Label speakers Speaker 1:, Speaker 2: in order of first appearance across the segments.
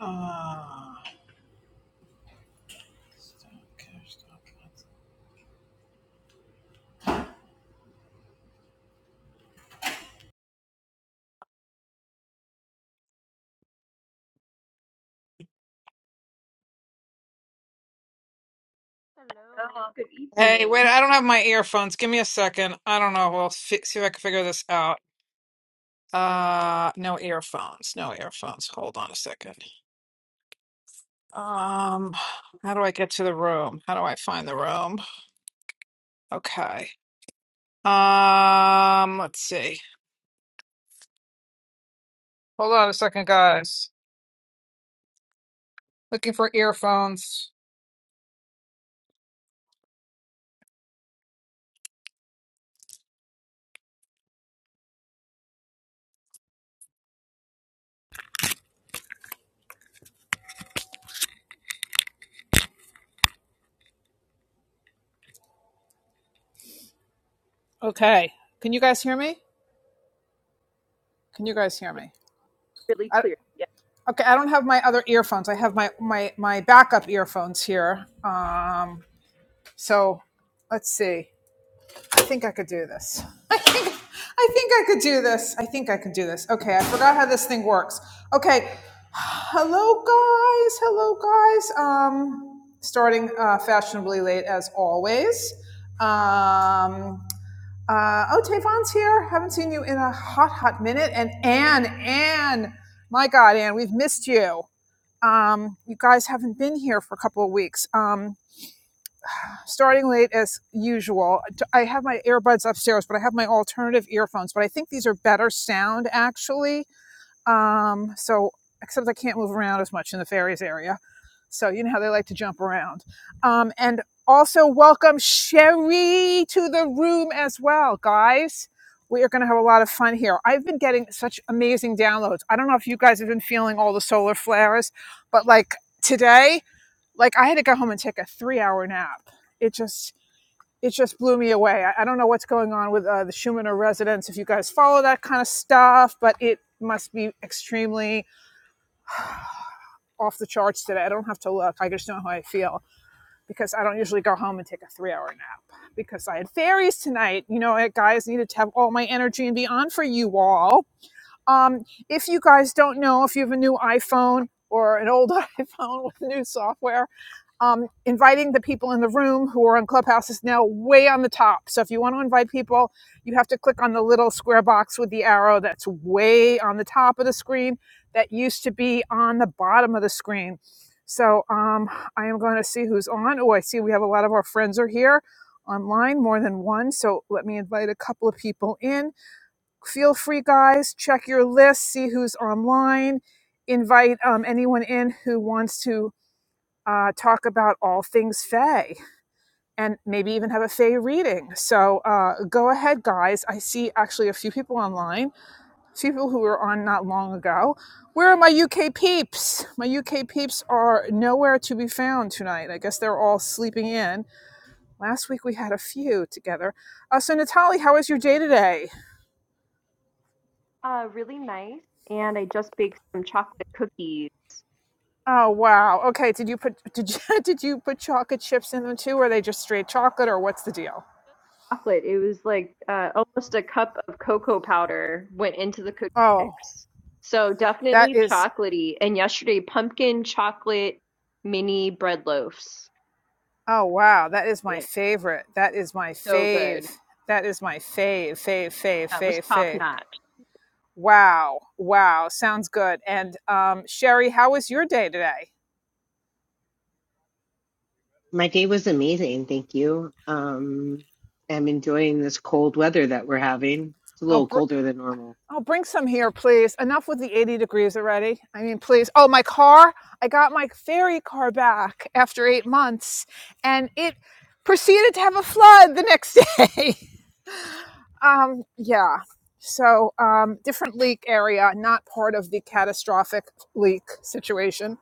Speaker 1: Ah, okay,
Speaker 2: Hello, good
Speaker 1: Hey, wait,
Speaker 2: evening.
Speaker 1: I don't have my earphones. Give me a second. I don't know. We'll fi see if I can figure this out. Uh, no earphones. No earphones. Hold on a second. Um, how do I get to the room? How do I find the room? Okay. Um, let's see. Hold on a second, guys. Looking for earphones. Okay. Can you guys hear me? Can you guys hear
Speaker 2: Yeah,
Speaker 1: me?
Speaker 2: really
Speaker 1: I,
Speaker 2: clear. Yeah.
Speaker 1: okay, I don't have my other earphones. I have my my my backup earphones here. Um, So let's see. I think I could do this. I think I think I could do this. I think I could do this. Okay, I forgot how this thing works. Okay. Hello guys. Hello guys. Um starting uh, fashionably late as always. Um uh, oh, Tavon's here. Haven't seen you in a hot, hot minute. And Anne, Anne, my God, Anne, we've missed you. Um, you guys haven't been here for a couple of weeks. Um starting late as usual. I have my earbuds upstairs, but I have my alternative earphones. But I think these are better sound actually. Um, so except I can't move around as much in the fairies area. So you know how they like to jump around. Um, and also welcome Sherry to the room as well, guys. We are going to have a lot of fun here. I've been getting such amazing downloads. I don't know if you guys have been feeling all the solar flares, but like today, like I had to go home and take a three hour nap. It just it just blew me away. I, I don't know what's going on with uh, the Schumanner Resonance. if you guys follow that kind of stuff, but it must be extremely off the charts today. I don't have to look. I just know how I feel because I don't usually go home and take a three hour nap because I had fairies tonight. You know, I, guys needed to have all my energy and be on for you all. Um, if you guys don't know, if you have a new iPhone or an old iPhone with new software, um, inviting the people in the room who are on Clubhouse is now way on the top. So if you want to invite people, you have to click on the little square box with the arrow that's way on the top of the screen that used to be on the bottom of the screen. So um, I am going to see who's on. Oh, I see we have a lot of our friends are here online, more than one. So let me invite a couple of people in. Feel free, guys, check your list, see who's online, invite um, anyone in who wants to uh, talk about all things Fae and maybe even have a Fae reading. So uh, go ahead, guys. I see actually a few people online, a few people who were on not long ago. Where are my UK peeps? My UK peeps are nowhere to be found tonight. I guess they're all sleeping in. Last week we had a few together. Uh, so Natalie, how was your day today?
Speaker 2: Uh, really nice. And I just baked some chocolate cookies.
Speaker 1: Oh wow. Okay. Did you put did you did you put chocolate chips in them too? Or are they just straight chocolate, or what's the deal?
Speaker 2: Chocolate, it was like uh, almost a cup of cocoa powder went into the cookie
Speaker 1: Oh,
Speaker 2: mix. So
Speaker 1: that
Speaker 2: definitely
Speaker 1: is
Speaker 2: chocolatey. And yesterday, pumpkin chocolate mini bread loaves.
Speaker 1: Oh wow, that is my
Speaker 2: Yeah.
Speaker 1: favorite. That is my
Speaker 2: So
Speaker 1: fave.
Speaker 2: good.
Speaker 1: That is my fave, fave, fave,
Speaker 2: That was
Speaker 1: fave,
Speaker 2: top
Speaker 1: fave.
Speaker 2: notch.
Speaker 1: Wow, wow, sounds good. And um, Sherry, how was your day today?
Speaker 3: My day was amazing, thank you. Um, I'm enjoying this cold weather that we're having. It's a
Speaker 1: I'll
Speaker 3: little
Speaker 1: br-
Speaker 3: colder than normal.
Speaker 1: I'll bring some here, please. Enough with the eighty degrees already. I mean, please. Oh, my car! I got my ferry car back after eight months, and it proceeded to have a flood the next day. Um, yeah. So, um, different leak area, not part of the catastrophic leak situation.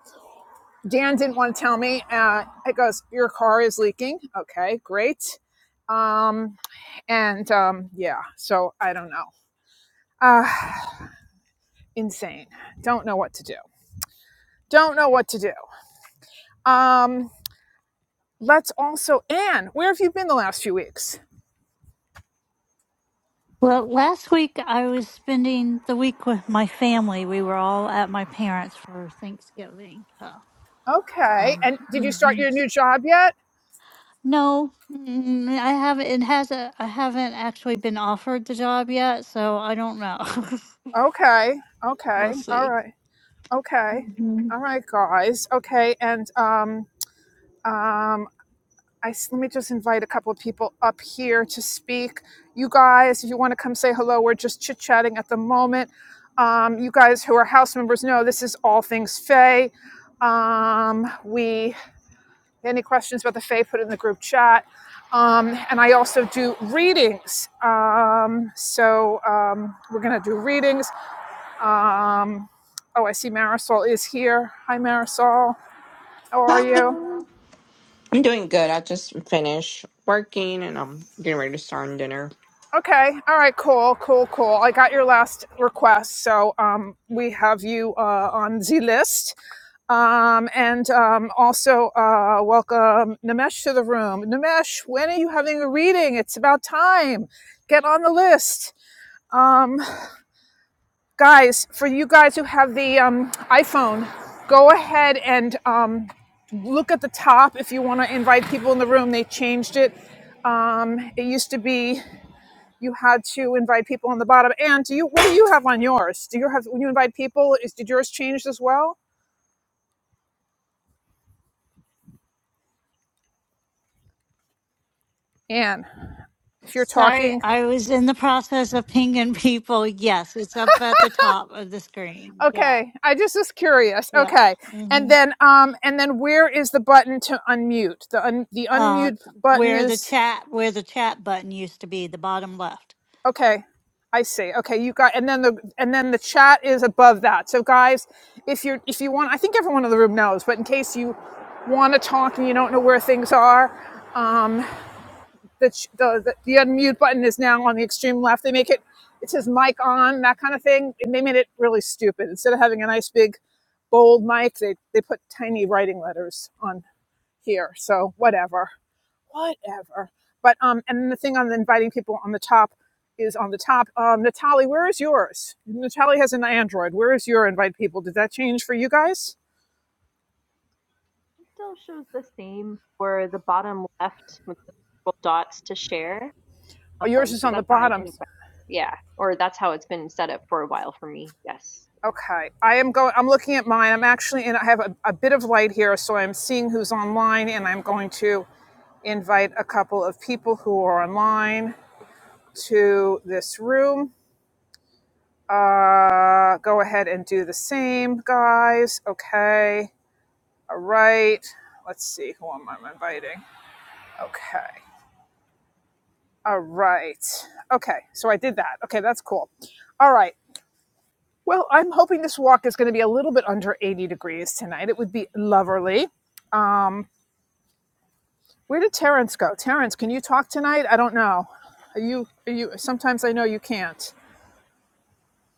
Speaker 1: Dan didn't want to tell me. Uh, it goes, Your car is leaking. Okay, great. Um, and um, yeah, so I don't know. Uh, insane. Don't know what to do. Don't know what to do. Um, let's also, Anne, where have you been the last few weeks?
Speaker 4: Well, last week I was spending the week with my family. We were all at my parents for Thanksgiving. So,
Speaker 1: Okay.
Speaker 4: um,
Speaker 1: And did you start
Speaker 4: mhm.
Speaker 1: your new job yet?
Speaker 4: No, mm, I haven't. It hasn't. I haven't actually been offered the job yet, so I don't know.
Speaker 1: Okay.
Speaker 4: we'll
Speaker 1: Okay. All
Speaker 4: see.
Speaker 1: right. Okay.
Speaker 4: Mhm.
Speaker 1: All right, guys. Okay, and um, um, I s- let me just invite a couple of people up here to speak. You guys, if you want to come say hello, we're just chit chatting at the moment. Um, you guys who are house members know this is all things Faye. Um, we any questions about the Faye, put it in the group chat. Um, and I also do readings. Um, so um, we're gonna do readings um, oh, I see Marisol is here. Hi, Marisol. How are
Speaker 5: Hi.
Speaker 1: you?
Speaker 5: I'm doing good. I just finished working and I'm getting ready to start on dinner.
Speaker 1: Okay. All right. Cool. Cool. Cool. I got your last request, so um, we have you uh, on the list. Um, and um, also uh, welcome Nimesh to the room. Nimesh, when are you having a reading? It's about time. Get on the list. Um, guys for you guys who have the um, iphone go ahead and um, look at the top if you want to invite people in the room they changed it um, it used to be you had to invite people on the bottom and do you what do you have on yours do you have when you invite people is did yours change as well Anne, if you're
Speaker 4: Sorry,
Speaker 1: talking
Speaker 4: I was in the process of pinging people. Yes, it's up at the top of the screen. Yeah,
Speaker 1: okay i just was curious
Speaker 4: yeah.
Speaker 1: okay and
Speaker 4: hmm
Speaker 1: then um and then where is the button to unmute the un, the
Speaker 4: Uh,
Speaker 1: unmute button
Speaker 4: where the
Speaker 1: is
Speaker 4: chat, where the chat button used to be, the bottom left.
Speaker 1: Okay, I see. Okay, you got, and then the and then the chat is above that. So guys, if you're if you want, I think everyone in the room knows, but in case you want to talk and you don't know where things are, um, the ch- the the, the unmute button is now on the extreme left. They make it it says mic on that kind of thing. And they made it really stupid. Instead of having a nice big bold mic, they they put tiny writing letters on here. So whatever whatever. But um, and the thing on inviting people on the top is on the top. Um, Natalie, where is yours? Natalie has an Android. Where is your invite people? Did that change for you guys?
Speaker 2: still shows the same for the bottom left with the little dots to share.
Speaker 1: Oh, yours
Speaker 2: Um,
Speaker 1: is
Speaker 2: so
Speaker 1: on the
Speaker 2: that's how I
Speaker 1: bottom.
Speaker 2: can, yeah, or that's how it's been set up for a while for me. Yes.
Speaker 1: Okay, I am going. I'm looking at mine. I'm actually in. I have a, a bit of light here, so I'm seeing who's online, and I'm going to invite a couple of people who are online to this room. Uh, go ahead and do the same, guys. Okay. All right. Let's see who am I inviting. Okay. All right. Okay. So I did that. Okay, that's cool. All right. Well, I'm hoping this walk is going to be a little bit under 80 degrees tonight. It would be lovely. Um, where did Terrence go? Terrence, can you talk tonight? I don't know. Are you? Are you? Sometimes I know you can't.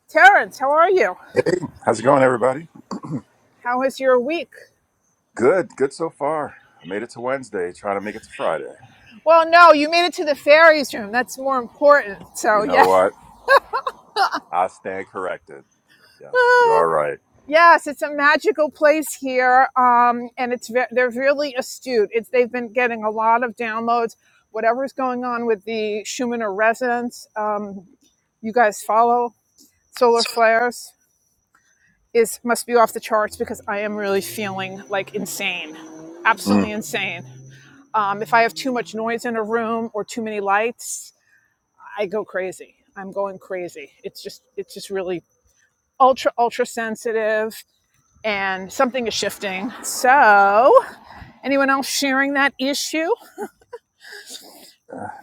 Speaker 1: Terrence, how are you?
Speaker 6: Hey, how's it going, everybody?
Speaker 1: How is your week?
Speaker 6: Good, good so far. I made it to Wednesday, trying to make it to Friday.
Speaker 1: Well, no, you made it to the fairies room. That's more important.
Speaker 6: You
Speaker 1: So
Speaker 6: know
Speaker 1: yeah.
Speaker 6: what? I stand corrected. Yes, you are right.
Speaker 1: Yes, it's a magical place here, um, and it's ve- they're really astute. It's they've been getting a lot of downloads. Whatever's going on with the Schumanner resonance, um, you guys follow solar flares is must be off the charts because I am really feeling like insane, absolutely
Speaker 6: Mm,
Speaker 1: insane. Um, if I have too much noise in a room or too many lights, I go crazy. I'm going crazy. It's just it's just really ultra ultra sensitive and something is shifting. So, anyone else sharing that issue?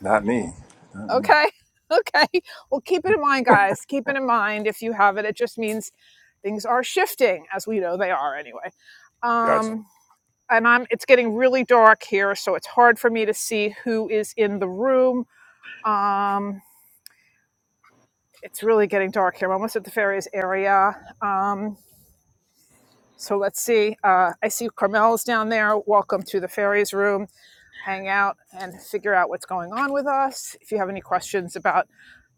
Speaker 6: not me. Not me.
Speaker 1: Okay. Okay. Well, keep it in mind, guys. Keep it in mind if you have it. It just means things are shifting, as we know they are anyway.
Speaker 6: Gotcha.
Speaker 1: Um, and I'm it's getting really dark here, so it's hard for me to see who is in the room. Um, it's really getting dark here. I'm almost at the fairies area. Um, So let's see. Uh, I see Carmel's down there. Welcome to the fairies room. Hang out and figure out what's going on with us. If you have any questions about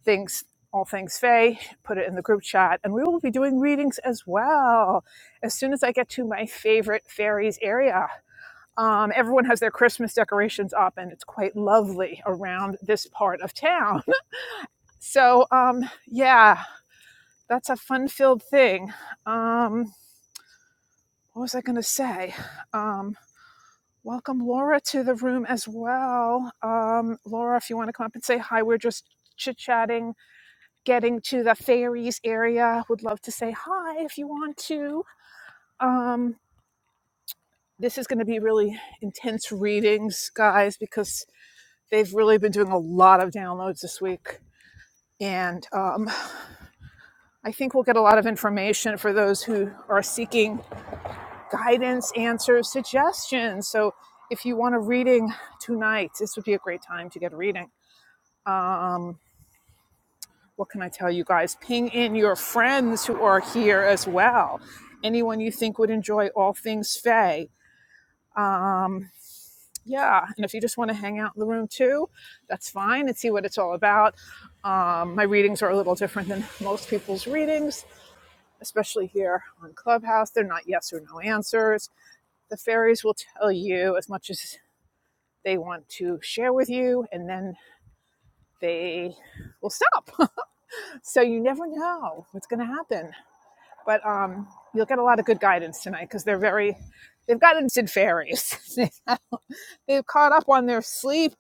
Speaker 1: things, all things Faye, put it in the group chat. And we will be doing readings as well as soon as I get to my favorite fairies area. Um, everyone has their Christmas decorations up, and it's quite lovely around this part of town. So, um, yeah, that's a fun filled thing. Um, what was I going to say? Um, Welcome Laura to the room as well. Um, Laura, if you want to come up and say hi, we're just chit chatting, getting to the fairies area. Would love to say hi if you want to. Um, this is going to be really intense readings, guys, because they've really been doing a lot of downloads this week. And um, I think we'll get a lot of information for those who are seeking guidance, answers, suggestions. So if you want a reading tonight, this would be a great time to get a reading um, what can I tell you guys? Ping in your friends who are here as well. Anyone you think would enjoy all things Faye. Um, yeah, and if you just want to hang out in the room too, that's fine and see what it's all about. Um, my readings are a little different than most people's readings, especially here on Clubhouse. They're not yes or no answers. The fairies will tell you as much as they want to share with you, and then they will stop. so you never know what's going to happen. but um, you'll get a lot of good guidance tonight because they're very they've gotten into fairies They- have caught up on their sleep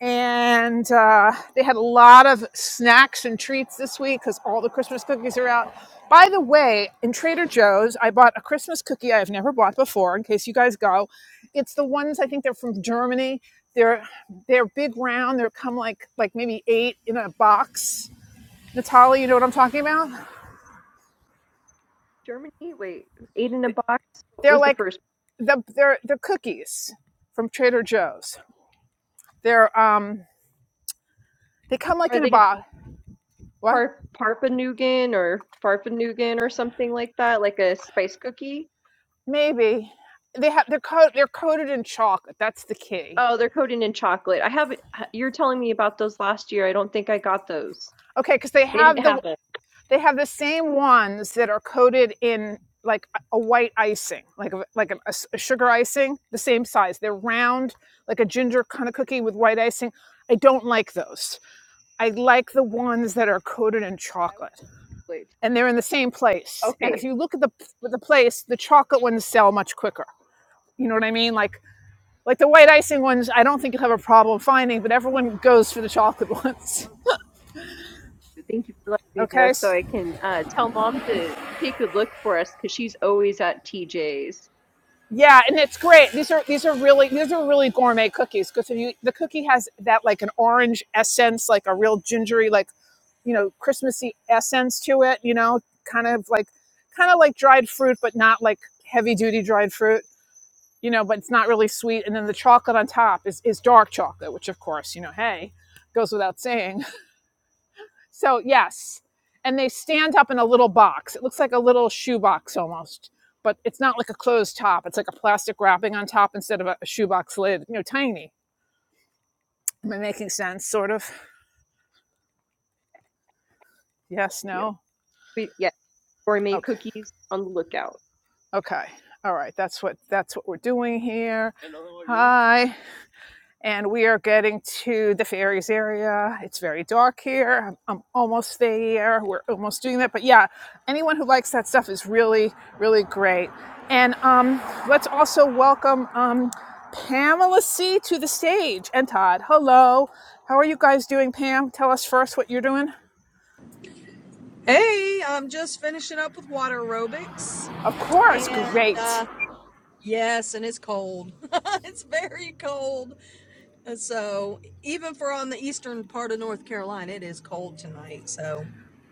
Speaker 1: and uh, they had a lot of snacks and treats this week because all the christmas cookies are out by the way in trader joe's i bought a christmas cookie i've never bought before in case you guys go it's the ones i think they're from germany they're they're big round they're come like like maybe eight in a box natalia you know what i'm talking about
Speaker 2: Germany, wait, eight in a box. What
Speaker 1: they're
Speaker 2: was the
Speaker 1: like
Speaker 2: first?
Speaker 1: the they're the cookies from Trader Joe's. They're um they come like
Speaker 2: Are
Speaker 1: in a
Speaker 2: they
Speaker 1: box. What?
Speaker 2: Par Parpanugan or Farfanugan or something like that, like a spice cookie?
Speaker 1: Maybe they have they're coat they're coated in chocolate. That's the key.
Speaker 2: Oh, they're coated in chocolate. I haven't. You're telling me about those last year. I don't think I got those.
Speaker 1: Okay, because they
Speaker 2: They didn't
Speaker 1: have the
Speaker 2: have a I
Speaker 1: they have the same ones that are coated in like a white icing, like a, like a a, s- a sugar icing, the same size. They're round, like a ginger kind of cookie with white icing. I don't like those. I like the ones that are coated in
Speaker 2: will
Speaker 1: chocolate.
Speaker 2: wait.
Speaker 1: and they're in the same place. And if
Speaker 2: Okay.
Speaker 1: you look at the the place, the chocolate ones sell much quicker. You know what I mean? Like like the white icing ones, I don't think you'll have a problem finding, but everyone goes for the chocolate ones.
Speaker 2: Oh, Thank you for letting me
Speaker 1: Okay.
Speaker 2: know so I can uh, tell mom to take a look for us because she's always at TJ's.
Speaker 1: Yeah, and it's great. These are these are really these are really gourmet cookies because if you the cookie has that like an orange essence, like a real gingery, like you know, Christmassy essence to it. You know, kind of like kind of like dried fruit, but not like heavy duty dried fruit you know, but it's not really sweet. And then the chocolate on top is, is dark chocolate, which of course, you know, hey, goes without saying. So yes. And they stand up in a little box. It looks like a little shoebox almost, but it's not like a closed top. It's like a plastic wrapping on top instead of a, shoebox lid. You know, tiny. Am I making sense? Sort of. Yes,
Speaker 2: Thank you.
Speaker 1: no.
Speaker 2: We, yeah. gourmet
Speaker 1: Okay.
Speaker 2: cookies on the lookout.
Speaker 1: Okay. All right. That's what that's what we're doing here. Hi. and we are getting to the ferries area. It's very dark here. I'm, I'm almost there. We're almost doing that. But yeah, anyone who likes that stuff is really, really great. And um, let's also welcome um, Pamela C to the stage and Todd. Hello. How are you guys doing, Pam? Tell us first what you're doing.
Speaker 7: Hey, I'm just finishing up with water aerobics.
Speaker 1: Of course,
Speaker 7: And
Speaker 1: great.
Speaker 7: uh, yes, and it's cold. it's very cold. And so, even for on the eastern part of North Carolina, it is cold tonight. So,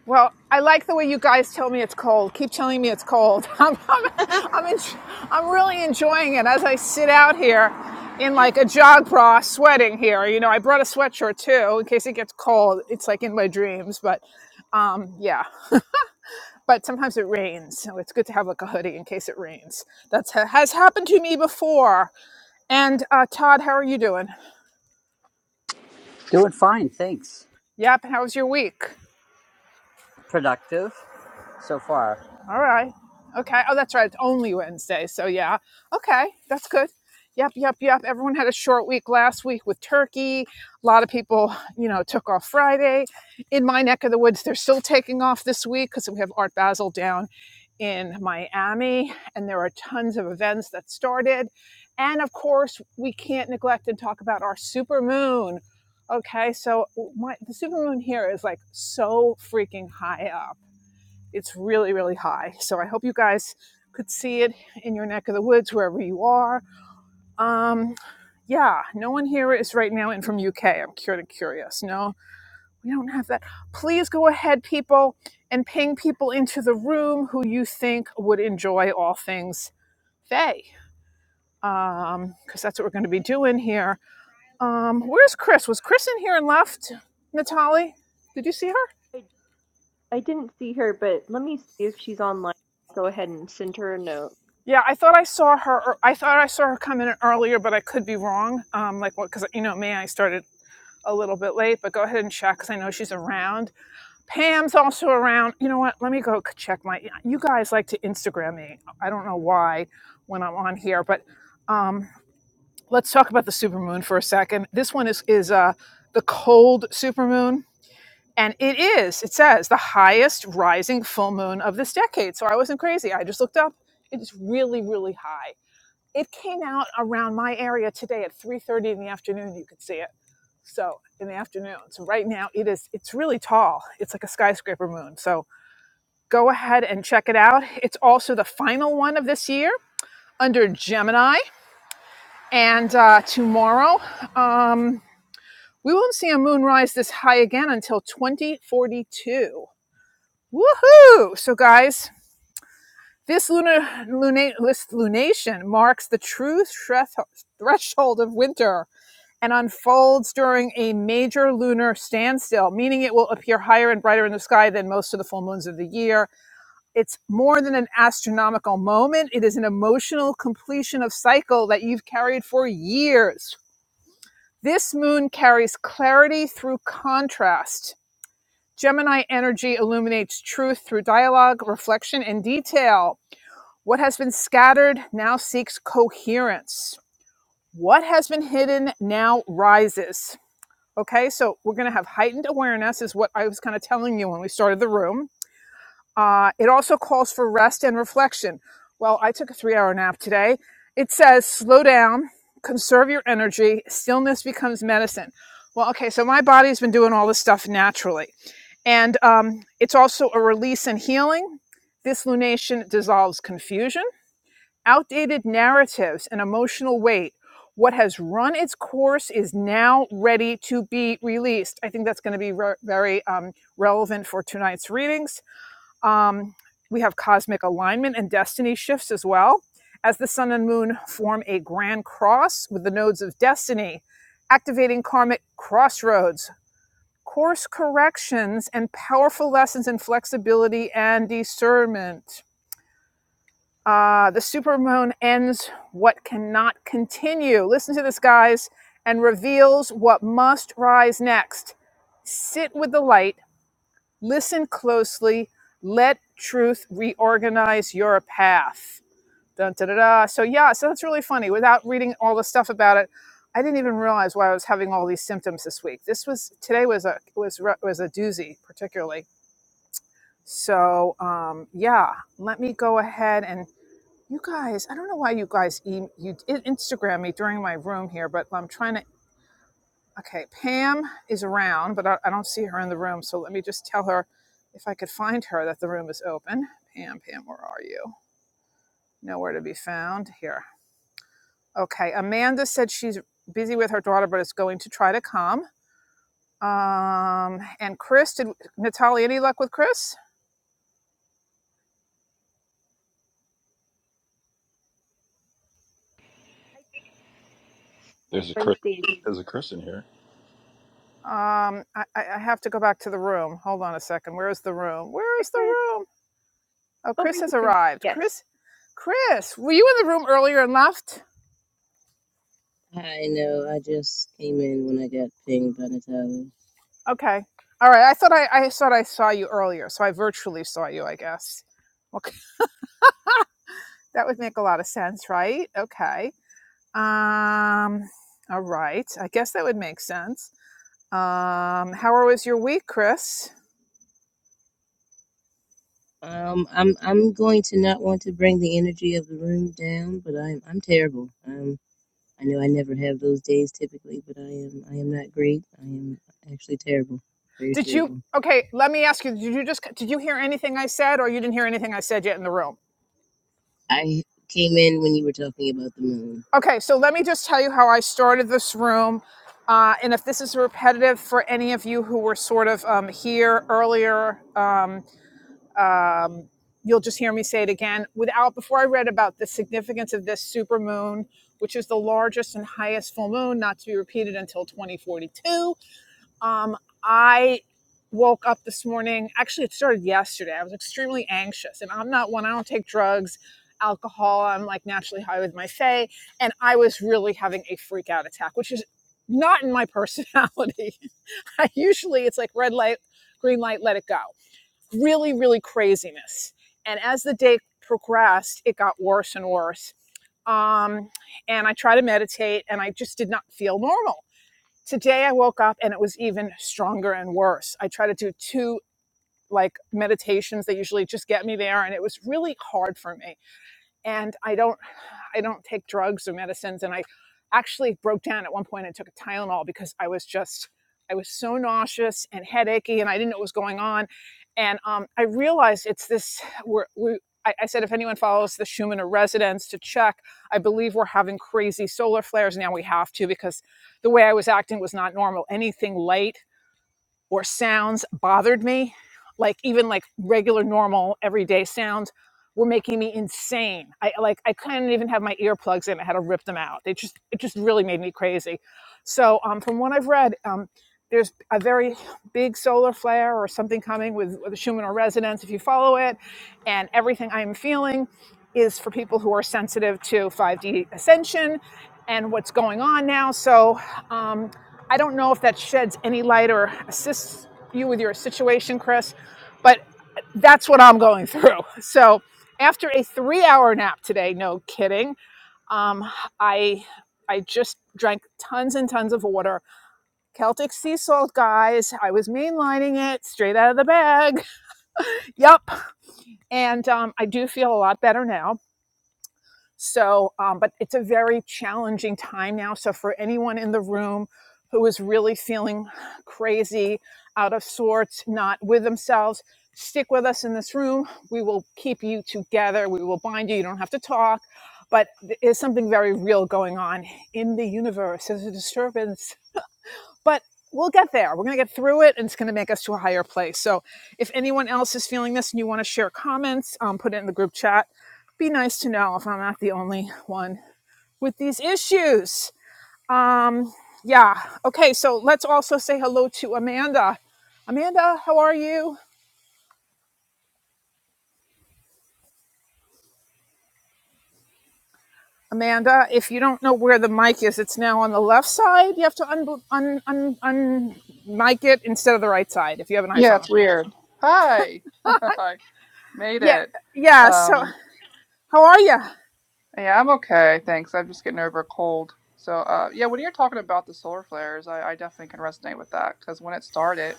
Speaker 1: Well, I like the way you guys tell me it's cold. Keep telling me it's cold. I'm, I'm, I'm, en- I'm really enjoying it as I sit out here in like a jog bra, sweating here. You know, I brought a sweatshirt too in case it gets cold. It's like in my dreams, but um, yeah. But sometimes it rains, so it's good to have like a hoodie in case it rains. That has happened to me before. And uh, Todd, how are you doing?
Speaker 8: Doing fine, thanks.
Speaker 1: Yep. How was your week?
Speaker 8: Productive so far.
Speaker 1: All right. Okay. Oh, that's right. It's only Wednesday. So, yeah. Okay. That's good. Yep, yep, yep. Everyone had a short week last week with turkey. A lot of people, you know, took off Friday. In my neck of the woods, they're still taking off this week because we have Art Basel down in Miami and there are tons of events that started. And of course, we can't neglect and talk about our super moon. Okay, so my, the super moon here is like so freaking high up it's really, really high. So I hope you guys could see it in your neck of the woods, wherever you are. Um, yeah, no one here is right now in from UK. I'm cured and curious. No, we don't have that. Please go ahead, people, and ping people into the room who you think would enjoy all things Faye, um, because that's what we're going to be doing here. Um, where's Chris? Was Chris in here and left? Natalie, did you see her?
Speaker 2: I, I didn't see her, but let me see if she's online. I'll go ahead and send her a note.
Speaker 1: Yeah, I thought I saw her. ear- I thought I saw her come in earlier, but I could be wrong. Um, like what? Because you know me, I started a little bit late. But go ahead and check because I know she's around. Pam's also around. You know what? Let me go check my. You guys like to Instagram me. I don't know why when I'm on here, but um, let's talk about the supermoon for a second. This one is is uh, the cold supermoon. And it is, it says, the highest rising full moon of this decade. So I wasn't crazy. I just looked up. It's really, really high it came out around my area today at 3:30 in the afternoon. You could see it. So in the afternoon. So right now it is. It's really tall. It's like a skyscraper moon. So go ahead and check it out. It's also the final one of this year under Gemini. And uh, tomorrow, um, we won't see a moon rise this high again until 2042. Woohoo! So, guys, this lunar luna, this lunation marks the true threshold of winter and unfolds during a major lunar standstill, meaning it will appear higher and brighter in the sky than most of the full moons of the year. It's more than an astronomical moment, it is an emotional completion of cycle that you've carried for years. This moon carries clarity through contrast. Gemini energy illuminates truth through dialogue, reflection, and detail. What has been scattered now seeks coherence. What has been hidden now rises. Okay, so we're going to have heightened awareness, is what I was kind of telling you when we started the room. Uh, it also calls for rest and reflection. Well, I took a three hour nap today. It says slow down, conserve your energy, stillness becomes medicine. Well, okay, so my body's been doing all this stuff naturally. And um, it's also a release and healing. This lunation dissolves confusion outdated narratives and emotional weight. What has run its course is now ready to be released. I think that's going to be re- very um, relevant for tonight's readings. Um, we have cosmic alignment and destiny shifts as well, as the sun and moon form a grand cross with the nodes of destiny, activating karmic crossroads, course corrections, and powerful lessons in flexibility and discernment. Uh, the supermoon ends what cannot continue. Listen to this, guys, and reveals what must rise next. Sit with the light, listen closely, let truth reorganize your path. Dun, da, da, da. So, yeah, so that's really funny. Without reading all the stuff about it, I didn't even realize why I was having all these symptoms this week. This was today was a was re- was a doozy, particularly. So um, yeah, let me go ahead and you guys, I don't know why you guys e- you Instagram me during my room here, but I'm trying to. Okay, Pam is around, but I, I don't see her in the room. So let me just tell her if I could find her that the room is open. Pam, Pam, where are you? Nowhere to be found. Here. Okay, Amanda said she's busy with her daughter, but is going to try to come. Um, and Chris, did Natalie any luck with Chris?
Speaker 2: Hi,
Speaker 6: There's a
Speaker 2: join
Speaker 6: Chris.
Speaker 2: stage.
Speaker 6: There's a Chris in here.
Speaker 1: Um, I, I I have to go back to the room. Hold on a second. Where is the room? Where
Speaker 2: Hi,
Speaker 1: is the
Speaker 2: Chris.
Speaker 1: room? Oh,
Speaker 2: Over
Speaker 1: Chris has
Speaker 2: here.
Speaker 1: arrived.
Speaker 2: Yes.
Speaker 1: Chris, Chris, were you in the room earlier and left?
Speaker 9: I know. I just came in when I got pinged by Natalie.
Speaker 1: Okay. All right. I thought I, I thought I saw you earlier, so I virtually saw you, I guess. Well, That would make a lot of sense, right? Okay. Um, all right. I guess that would make sense. Um, how was your week, Chris?
Speaker 9: Um, I'm I'm going to not want to bring the energy of the room down, but I'm I'm terrible. Um, I know I never have those days typically, but I am I am not great. I am actually terrible, very
Speaker 1: Did you?
Speaker 9: terrible.
Speaker 1: Okay, let me ask you. Did you just? Did you hear anything I said, or you didn't hear anything I said yet in the room?
Speaker 9: I came in when you were talking about the moon.
Speaker 1: Okay, so let me just tell you how I started this room. Uh, and if this is repetitive for any of you who were sort of um, here earlier, um, Um, you'll just hear me say it again. Without before I read about the significance of this supermoon, which is the largest and highest full moon, not to be repeated until 2042. Um, I woke up this morning. Actually, it started yesterday. I was extremely anxious, and I'm not one. I don't take drugs, alcohol. I'm like naturally high with my fae, and I was really having a freak out attack, which is not in my personality. I usually it's like red light, green light, let it go really, really craziness. And as the day progressed, it got worse and worse. Um, and I tried to meditate and I just did not feel normal. Today I woke up and it was even stronger and worse. I tried to do two like meditations that usually just get me there and it was really hard for me and I don't I don't take drugs or medicines and I actually broke down at one point and took a Tylenol because I was just I was so nauseous and headachy and I didn't know what was going on and um, I realized it's this we're, we I, I said if anyone follows the Schumann residence to check I believe we're having crazy solar flares now we have to because the way I was acting was not normal anything light or sounds bothered me, like even like regular, normal, everyday sounds were making me insane. I like I couldn't even have my earplugs in. I had to rip them out. They just it just really made me crazy. So um, from what I've read, um, there's a very big solar flare or something coming with, with the Schumann resonance if you follow it, and everything I am feeling is for people who are sensitive to 5D ascension and what's going on now. So um, I don't know if that sheds any light or assists you with your situation, Chris, but that's what I'm going through. So after a three-hour nap today, no kidding, um, I I just drank tons and tons of water. Celtic sea salt, guys. I was mainlining it straight out of the bag. Yep. And um, I do feel a lot better now So, um, but it's a very challenging time now. So, for anyone in the room who is really feeling crazy, out of sorts, not with themselves, stick with us in this room. We will keep you together. We will bind you. You don't have to talk. But there's something very real going on in the universe. There's a disturbance but we'll get there. We're going to get through it and it's going to make us to a higher place. So if anyone else is feeling this and you want to share comments, um, put it in the group chat. Be nice to know if I'm not the only one with these issues. Um, yeah. Okay. So let's also say hello to Amanda. Amanda, how are you? Amanda, if you don't know where the mic is, it's now on the left side. You have to un un un, un mic it instead of the right side if you have an
Speaker 10: Yeah, it's
Speaker 1: iPhone.
Speaker 10: weird. Hi. I made
Speaker 1: Yeah,
Speaker 10: it.
Speaker 1: yeah. So,
Speaker 10: Um,
Speaker 1: how are you?
Speaker 10: yeah, I'm okay, thanks. I'm just getting over a cold. So, uh, yeah, when you're talking about the solar flares, I, I definitely can resonate with that because when it started,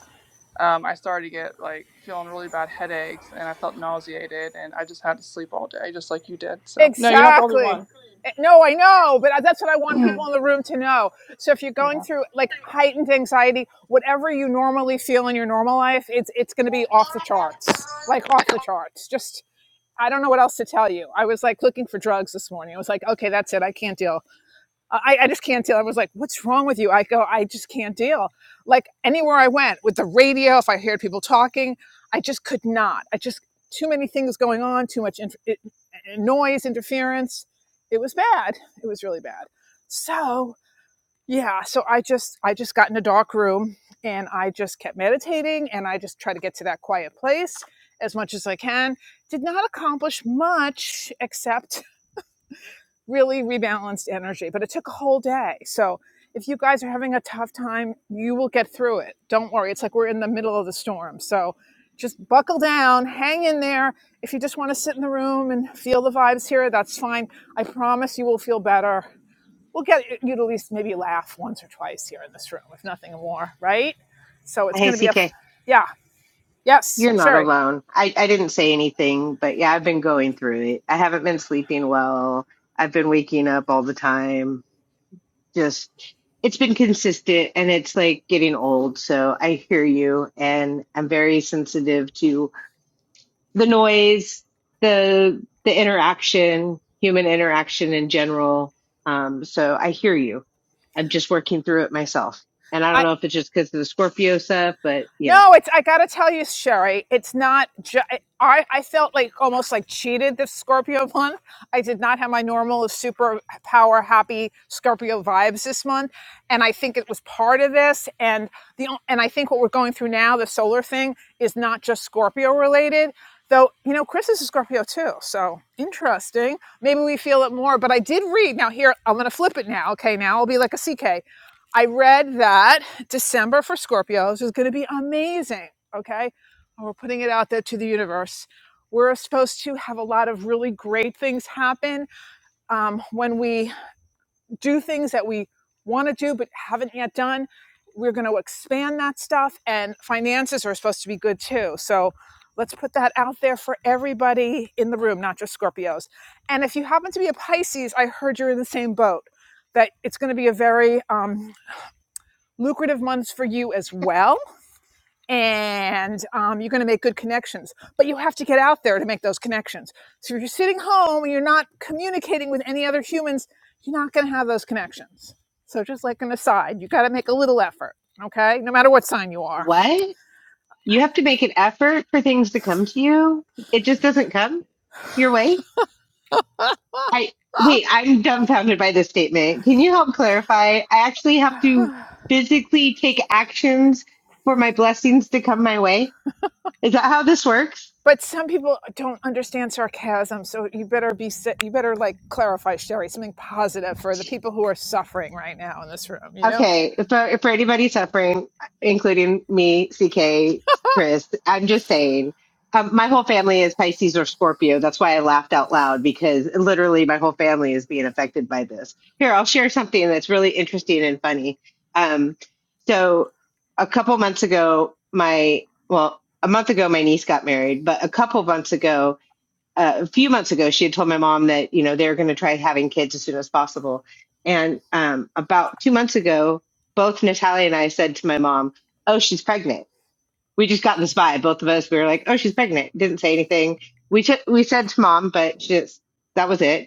Speaker 10: um, I started to get like feeling really bad headaches and I felt nauseated and I just had to sleep all day, just like you did. So, no, you're not the only
Speaker 1: Exactly.
Speaker 10: one.
Speaker 1: Eh, No, I know, but uh, that's what I want people in the room to know. So if you're going
Speaker 10: yeah.
Speaker 1: through like heightened anxiety, whatever you normally feel in your normal life, it's it's going to be off the charts. Like off the charts. Just I don't know what else to tell you. I was like looking for drugs this morning. I was like, okay, that's it. I can't deal. I, I just can't deal. I was like, what's wrong with you? I go, I just can't deal. Like anywhere I went with the radio, if I heard people talking, I just could not. I just, too many things going on, too much inf- it, noise, interference. It was bad. It was really bad. So, yeah, so I just, I just got in a dark room and I just kept meditating and I just try to get to that quiet place as much as I can. Did not accomplish much except really rebalanced energy. But it took a whole day. So if you guys are having a tough time, you will get through it. Don't worry. It's like we're in the middle of the storm. So just buckle down, hang in there. If you just want to sit in the room and feel the vibes here, that's fine. I promise you will feel better. We'll get you to at least maybe laugh once or twice here in this room, if nothing more, right? So it's going
Speaker 3: Hey,
Speaker 1: to be a,
Speaker 3: CK,
Speaker 1: yeah, yes,
Speaker 3: you're not
Speaker 1: Sherry.
Speaker 3: alone. I, I didn't say anything, but yeah, I've been going through it. I haven't been sleeping well. I've been waking up all the time. Just, it's been consistent and it's like getting old. So I hear you and I'm very sensitive to the noise, the the interaction, human interaction in general. Um, so I hear you. I'm just working through it myself, and I don't know if it's just because of the Scorpio stuff, but you know
Speaker 1: No, it's. I gotta tell you, Sherry, it's not. Ju- I I felt like almost like cheated this Scorpio month. I did not have my normal super power happy Scorpio vibes this month, and I think it was part of this. And the o- and I think what we're going through now, the solar thing, is not just Scorpio related. Though you know, Chris is a Scorpio too, so interesting. Maybe we feel it more. But I did read now. Here, I'm gonna flip it now. Okay, now I'll be like a CK. I read that December for Scorpios is going to be amazing. Okay. And we're putting it out there to the universe. We're supposed to have a lot of really great things happen um, when we do things that we want to do but haven't yet done. We're going to expand that stuff, and finances are supposed to be good too. So let's put that out there for everybody in the room, not just Scorpios. And if you happen to be a Pisces, I heard you're in the same boat, that it's going to be a very um, lucrative months for you as well. And um, you're going to make good connections, but you have to get out there to make those connections. So if you're sitting home and you're not communicating with any other humans, you're not going to have those connections. So just like an aside, you got to make a little effort, okay? No matter what sign you are.
Speaker 3: what? You have to make an effort for things to come to you. It just doesn't come your way. I wait. I'm dumbfounded by this statement. Can you help clarify? I actually have to physically take actions for my blessings to come my way. Is that how this works?
Speaker 1: but some people don't understand sarcasm, so you better be si-, you better like clarify, Sherry, something positive for the people who are suffering right now in this room, you know?
Speaker 3: Okay, for for anybody suffering, including me, CK, Chris, I'm just saying, um, my whole family is Pisces or Scorpio. That's why I laughed out loud because literally my whole family is being affected by this. Here, I'll share something that's really interesting and funny. Um, so a couple months ago, my well, a month ago, my niece got married, but a couple months ago, uh, a few months ago, she had told my mom that, you know, they were going to try having kids as soon as possible. And um, about two months ago, both Natalia and I said to my mom, Oh, she's pregnant. We just got this vibe. Both of us, we were like, Oh, she's pregnant. Didn't say anything. We took, we said to mom, but she just, that was it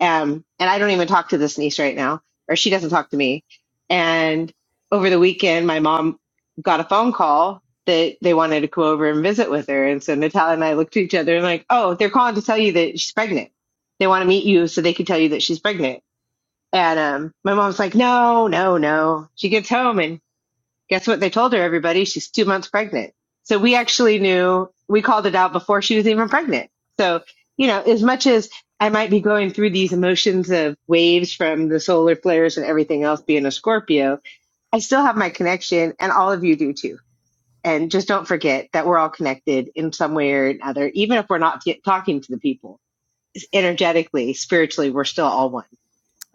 Speaker 3: um, and I don't even talk to this niece right now, or she doesn't talk to me. And over the weekend, my mom got a phone call that they wanted to come over and visit with her. And so Natalia and I looked at each other and like, oh, they're calling to tell you that she's pregnant. They want to meet you so they can tell you that she's pregnant. And um, my mom's like, no, no, no. She gets home and Guess what they told her, everybody? She's two months pregnant. So we actually knew, we called it out before she was even pregnant. So, you know, as much as I might be going through these emotions of waves from the solar flares and everything else being a Scorpio, I still have my connection and all of you do too. And just don't forget that we're all connected in some way or another, even if we're not t- talking to the people energetically, spiritually, we're still all one.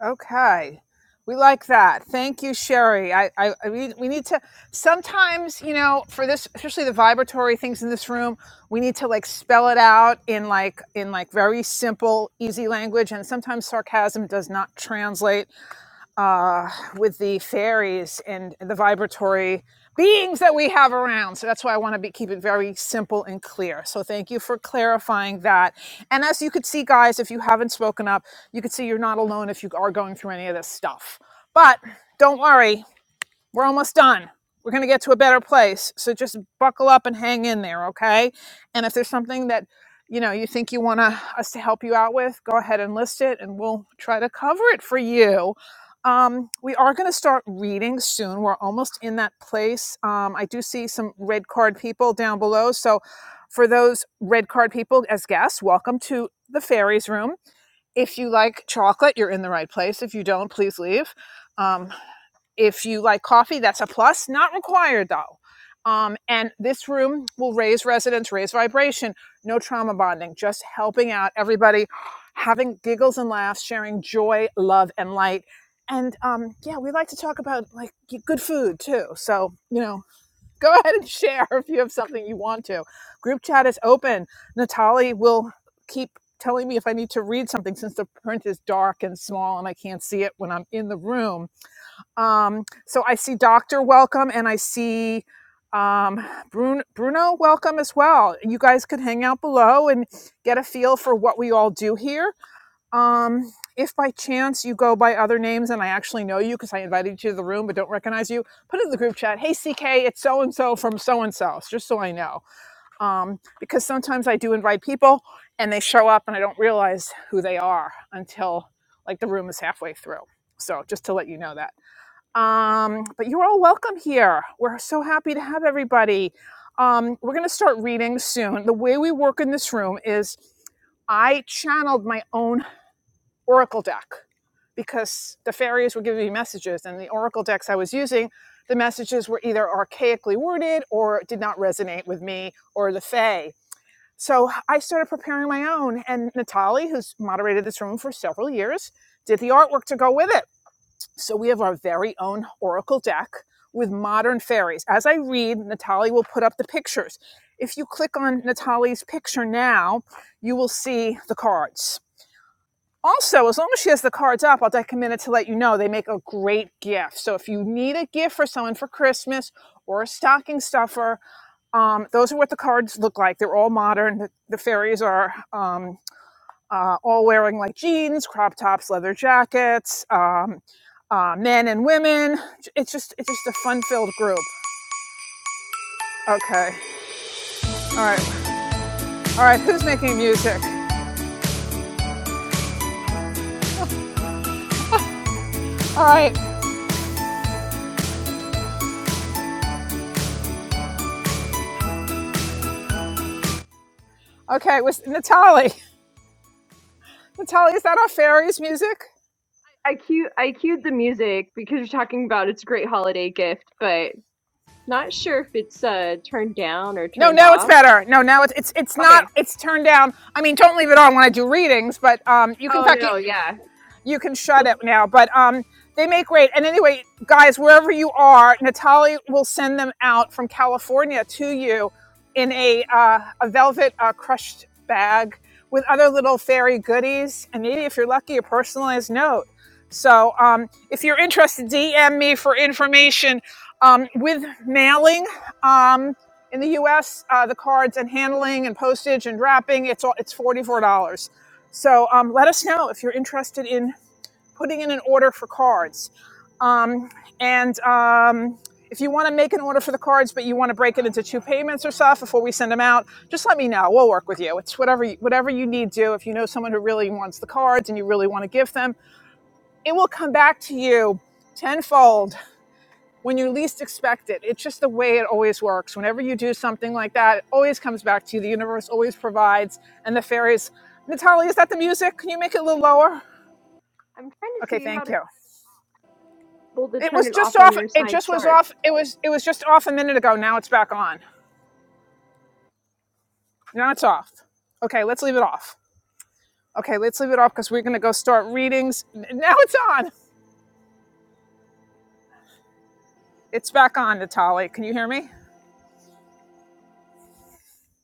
Speaker 1: Okay. We like that. Thank you, Sherry. I, I, I we, we need to sometimes, you know, for this, especially the vibratory things in this room, we need to like spell it out in like in like very simple, easy language. And sometimes sarcasm does not translate uh, with the fairies and the vibratory beings that we have around. So that's why I want to be, keep it very simple and clear. So thank you for clarifying that. And as you could see, guys, if you haven't spoken up, you could see you're not alone if you are going through any of this stuff. But don't worry, we're almost done. We're going to get to a better place. So just buckle up and hang in there, okay? And if there's something that you know you think you want to, us to help you out with, go ahead and list it and we'll try to cover it for you. Um, we are going to start reading soon. We're almost in that place. Um, I do see some red card people down below. So for those red card people as guests, welcome to the fairies room. If you like chocolate, you're in the right place. If you don't, please leave. Um, if you like coffee, that's a plus, not required though. Um, and this room will raise resonance, raise vibration, no trauma bonding, just helping out everybody, having giggles and laughs, sharing joy, love, and light. And um, yeah, we like to talk about like good food too. So, you know, go ahead and share if you have something you want to. Group chat is open. Natali will keep telling me if I need to read something since the print is dark and small and I can't see it when I'm in the room um, so I see Doctor Welcome and I see um, Bruno, Bruno Welcome as well. You guys could hang out below and get a feel for what we all do here. Um, if by chance you go by other names and I actually know you because I invited you to the room but don't recognize you, put it in the group chat. Hey, CK, it's so and so from so and so, just so I know. Um, because sometimes I do invite people and they show up and I don't realize who they are until like the room is halfway through. So just to let you know that. Um, but you're all welcome here. We're so happy to have everybody. Um, we're going to start reading soon. The way we work in this room is I channeled my own Oracle deck because the fairies were giving me messages, and the Oracle decks I was using, the messages were either archaically worded or did not resonate with me or the Fae. So I started preparing my own, and Natalie, who's moderated this room for several years, did the artwork to go with it. So we have our very own oracle deck with modern fairies. As I read, Natalie will put up the pictures. If you click on Natalie's picture now, you will see the cards. Also, as long as she has the cards up, I'll take a minute to let you know they make a great gift. So if you need a gift for someone for Christmas or a stocking stuffer, um, those are what the cards look like. They're all modern. The, the fairies are um, uh, all wearing like jeans, crop tops, leather jackets, um, uh, men and women. It's just it's just a fun filled group. Okay. All right. All right. Who's making music? All right. Okay. It was Natalie. Natalie, is that our fairies music?
Speaker 2: I cue I cued the music because you're talking about it's a great holiday gift, but not sure if it's uh turned down or
Speaker 1: No,
Speaker 2: turned
Speaker 1: no, it's
Speaker 2: off.
Speaker 1: better. No, now it's it's it's not.
Speaker 2: Okay.
Speaker 1: It's turned down. I mean, don't leave it on when I do readings, but um, you can in
Speaker 2: Oh
Speaker 1: fact you,
Speaker 2: no, yeah.
Speaker 1: you can shut
Speaker 2: I'm
Speaker 1: it now. But um, they make great. And anyway, guys, wherever you are, Natalie will send them out from California to you in a uh, a velvet uh, crushed bag with other little fairy goodies, and maybe if you're lucky, a personalized note. So um, if you're interested, DM me for information um, with mailing. Um, in the U.S., uh, the cards and handling and postage and wrapping, it's all, it's forty four dollars. So um, let us know if you're interested in putting in an order for cards. Um, and um, if you want to make an order for the cards, but you want to break it into two payments or stuff before we send them out, just let me know. We'll work with you. It's whatever you, whatever you need to. If you know someone who really wants the cards and you really want to give them, it will come back to you tenfold when you least expect it. It's just the way it always works. Whenever you do something like that, it always comes back to you. The universe always provides, and the fairies. Natalie, is that the music? Can you make it a little lower?
Speaker 2: trying to
Speaker 1: Okay,
Speaker 2: see how
Speaker 1: thank
Speaker 2: to
Speaker 1: you.
Speaker 2: able to
Speaker 1: It
Speaker 2: turn
Speaker 1: was
Speaker 2: it
Speaker 1: just
Speaker 2: off on
Speaker 1: off.
Speaker 2: your
Speaker 1: It
Speaker 2: side.
Speaker 1: just was
Speaker 2: Sorry.
Speaker 1: off. It was it was just off a minute ago. Now it's back on. Now it's off. Okay, let's leave it off. Okay, let's leave it off because we're gonna go start readings. Now it's on. It's back on, Natali. Can you hear me?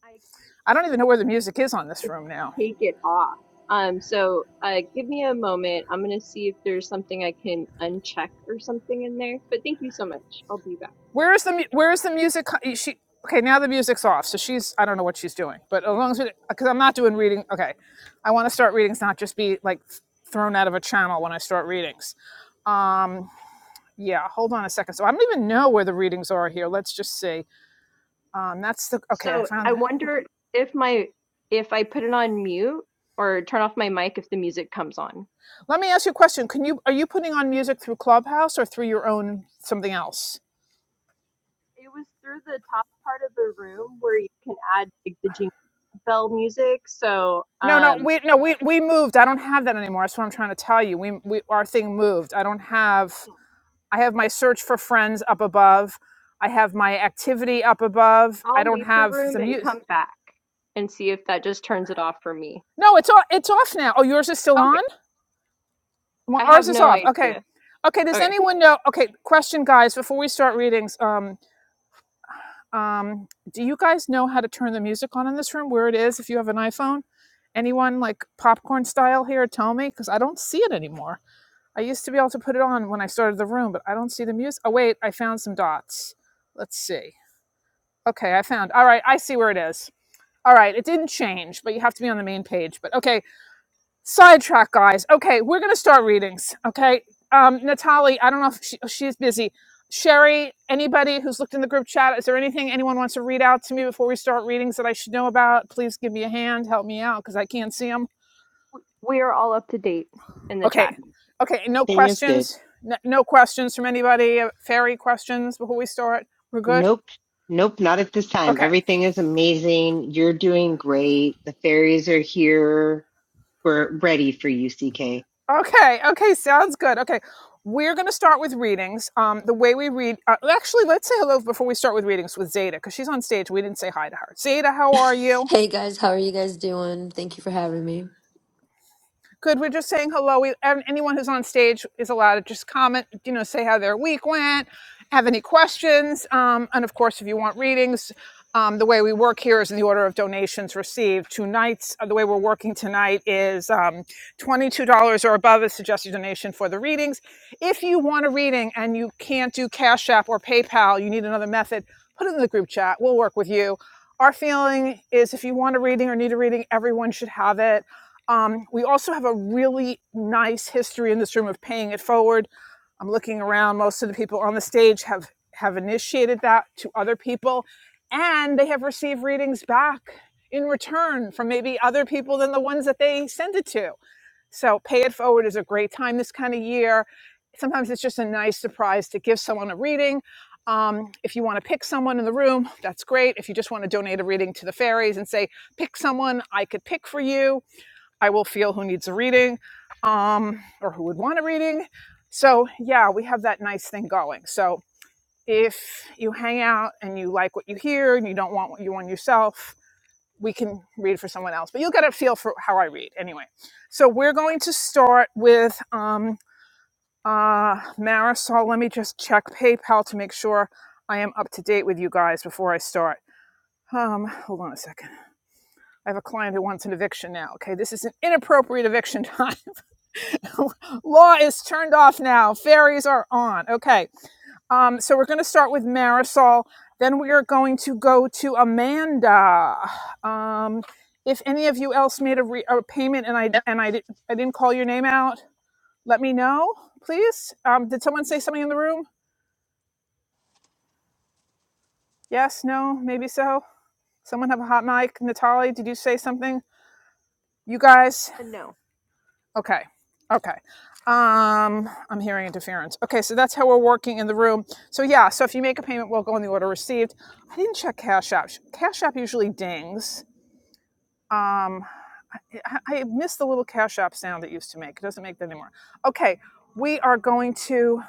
Speaker 2: I
Speaker 1: I don't even know where the music is on this room now.
Speaker 2: take it off. Um, so uh, give me a moment. I'm going to see if there's something I can uncheck or something in there. But thank you so much. I'll be back.
Speaker 1: Where is the where is the music? She okay. Now the music's off, so she's I don't know what she's doing. But as long as we, because I'm not doing reading. Okay, I want to start readings, not just be like thrown out of a channel when I start readings. Um. yeah hold on a second so i don't even know where the readings are here let's just see um that's the okay i
Speaker 2: So
Speaker 1: found
Speaker 2: I wonder if my if I put it on mute or turn off my mic if the music comes on.
Speaker 1: let me ask you a question can you are you putting on music through clubhouse or through your own something else
Speaker 2: It was through the top part of the room where you can add like the jingle bell music. So
Speaker 1: no no
Speaker 2: um,
Speaker 1: we no we, we moved i don't have that anymore that's what i'm trying to tell you we, we our thing moved i don't have i have my search for friends up above i have my activity up above i
Speaker 2: I'll
Speaker 1: don't
Speaker 2: leave the
Speaker 1: have
Speaker 2: room
Speaker 1: the
Speaker 2: and
Speaker 1: music
Speaker 2: come back and see if that just turns it off for me.
Speaker 1: no it's off it's off now oh yours is still on
Speaker 2: Okay.
Speaker 1: Well,
Speaker 2: I have
Speaker 1: ours is
Speaker 2: no
Speaker 1: off. Okay.
Speaker 2: idea.
Speaker 1: Okay. Does
Speaker 2: Okay.
Speaker 1: anyone know? Okay. Question, guys, before we start readings. Um, um, do you guys know how to turn the music on in this room? Where it is? If you have an iPhone, anyone like popcorn style here? Tell me, because I don't see it anymore. I used to be able to put it on when I started the room, but I don't see the music. Oh wait, I found some dots. Let's see. Okay, I found. All right, I see where it is. All right, it didn't change, but you have to be on the main page. But okay, sidetrack guys okay we're gonna start readings okay um natalie i don't know if she, she's busy sherry anybody who's looked in the group chat is there anything anyone wants to read out to me before we start readings that i should know about please give me a hand help me out because i can't see them
Speaker 2: We are all up to date in the
Speaker 1: okay
Speaker 2: chat.
Speaker 1: okay no
Speaker 3: Thing is good.
Speaker 1: questions N- no questions from anybody fairy questions before we start we're good
Speaker 3: Nope. Nope, not at this time.
Speaker 1: okay
Speaker 3: Everything is amazing. You're doing great. The fairies are here. We're ready for you, CK.
Speaker 1: Okay, okay, sounds good. Okay, we're going to start with readings. Um, the way we read, uh, actually, let's say hello before we start with readings with Zeta, because she's on stage. We didn't say hi to her. Zeta, how are you?
Speaker 11: Hey guys, how are you guys doing? Thank you for having me.
Speaker 1: Good. We're just saying hello. We, and anyone who's on stage is allowed to just comment, you know, say how their week went, have any questions. Um, and of course, if you want readings, um, the way we work here is in the order of donations received. Tonight's, uh, the way we're working tonight is um, $22 or above is suggested donation for the readings. If you want a reading and you can't do Cash App or PayPal, you need another method, put it in the group chat. We'll work with you. Our feeling is if you want a reading or need a reading, everyone should have it um, we also have a really nice history in this room of paying it forward. I'm looking around. Most of the people on the stage have have initiated that to other people, and they have received readings back in return from maybe other people than the ones that they send it to. So pay it forward is a great time this kind of year. Sometimes it's just a nice surprise to give someone a reading. Um, if you want to pick someone in the room, that's great. If you just want to donate a reading to the fairies and say, pick someone I could pick for you, I will feel who needs a reading um, or who would want a reading. So, yeah, we have that nice thing going. So, if you hang out and you like what you hear and you don't want what you want yourself, we can read for someone else. But you'll get a feel for how I read anyway. So, we're going to start with um, uh, Marisol. Let me just check PayPal to make sure I am up to date with you guys before I start. Um, hold on a second. I have a client who wants an eviction now. Okay, this is an inappropriate eviction time. Law is turned off now. Fairies are on. Okay. Um, so we're going to start with Marisol. Then we are going to go to Amanda. Um, if any of you else made a, re- a payment and I
Speaker 5: Yep.
Speaker 1: and I, di- I didn't call your name out, let me know, please. Um, did someone say something in the room? Yes, no, maybe so. Someone have a hot mic. Natalie, did you say something? You guys,
Speaker 2: And no,
Speaker 1: Okay. Okay. Um, I'm hearing interference. Okay, so that's how we're working in the room. So yeah, so if you make a payment, we'll go in the order received. I didn't check Cash App. Cash App usually dings. Um, I, I miss the little Cash App sound it used to make. It doesn't make that anymore. Okay, we are going to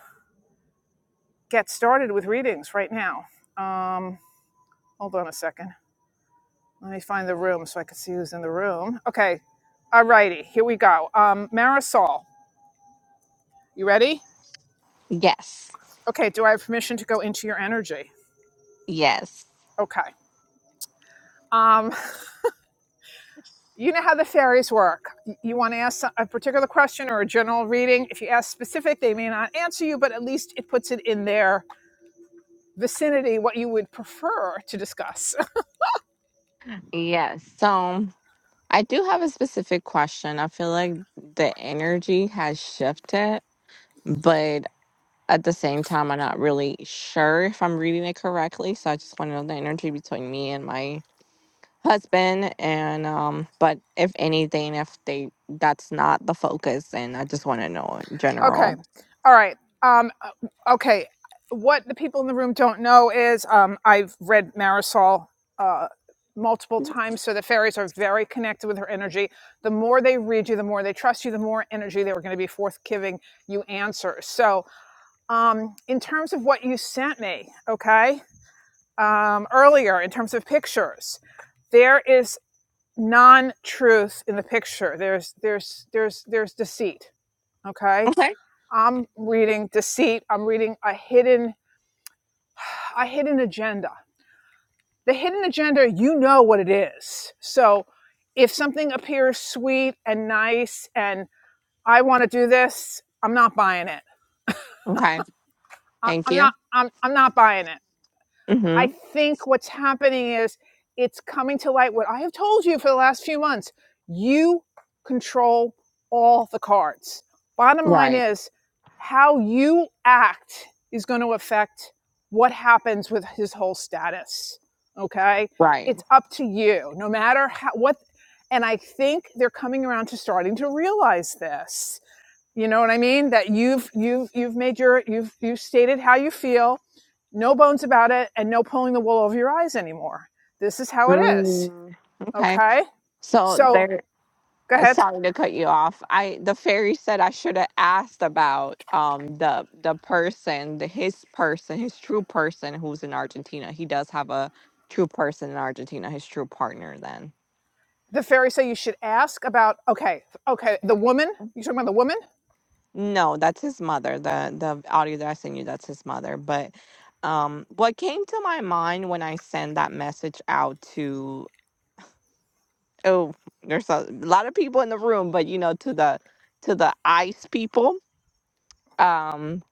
Speaker 1: get started with readings right now. Um, hold on a second. Let me find the room so I can see who's in the room. Okay. All righty, here we go. Um, Marisol, you ready?
Speaker 5: Yes.
Speaker 1: Okay, do I have permission to go into your energy?
Speaker 5: Yes.
Speaker 1: Okay. Um, you know how the fairies work. You want to ask a particular question or a general reading. If you ask specific, they may not answer you, but at least it puts it in their vicinity what you would prefer to discuss.
Speaker 5: Yes. So I do have a specific question. I feel like the energy has shifted, but at the same time, I'm not really sure if I'm reading it correctly. So I just want to know the energy between me and my husband. And, um, but if anything, if they, that's not the focus, and I just want to know in
Speaker 1: Okay.
Speaker 5: general.
Speaker 1: All right. Um, uh, okay. What the people in the room don't know is um, I've read Marisol uh, multiple times, so the fairies are very connected with her energy. The more they read you, the more they trust you, the more energy they were going to be forthgiving you answers. So, um, in terms of what you sent me, okay, um, earlier in terms of pictures, there is non-truth in the picture. There's there's there's there's deceit. Okay
Speaker 5: Okay.
Speaker 1: I'm reading deceit. I'm reading a hidden a hidden agenda. The hidden agenda, you know what it is. So if something appears sweet and nice and I want to do this, I'm not buying it.
Speaker 5: Okay.
Speaker 1: I,
Speaker 5: Thank
Speaker 1: I'm
Speaker 5: you.
Speaker 1: not I'm I'm not buying it. I
Speaker 5: Mm-hmm.
Speaker 1: think what's happening is it's coming to light what I have told you for the last few months. You control all the cards. Bottom line
Speaker 5: Right.
Speaker 1: is how you act is going to affect what happens with his whole status. Okay?
Speaker 5: Right.
Speaker 1: It's up to you. No matter how, what and I think they're coming around to starting to realize this you know what I mean? That you've you've you've made your you've you've stated how you feel, no bones about it, and no pulling the wool over your eyes anymore. This is how it is.
Speaker 5: Mm. Okay.
Speaker 1: Okay.
Speaker 5: So
Speaker 1: So
Speaker 5: there.
Speaker 1: go
Speaker 5: uh,
Speaker 1: ahead.
Speaker 5: Sorry to cut you off. I the fairy said I should have asked about um the the person, the his person, his true person who's in Argentina. He does have a true person in Argentina, his true partner. Then
Speaker 1: The fairy say you should ask about okay, okay, the woman. You talking about the woman?
Speaker 5: no, that's his mother. The the audio that I sent you, that's his mother. But um, what came to my mind when I sent that message out oh there's a lot of people in the room but you know to the to the ice people um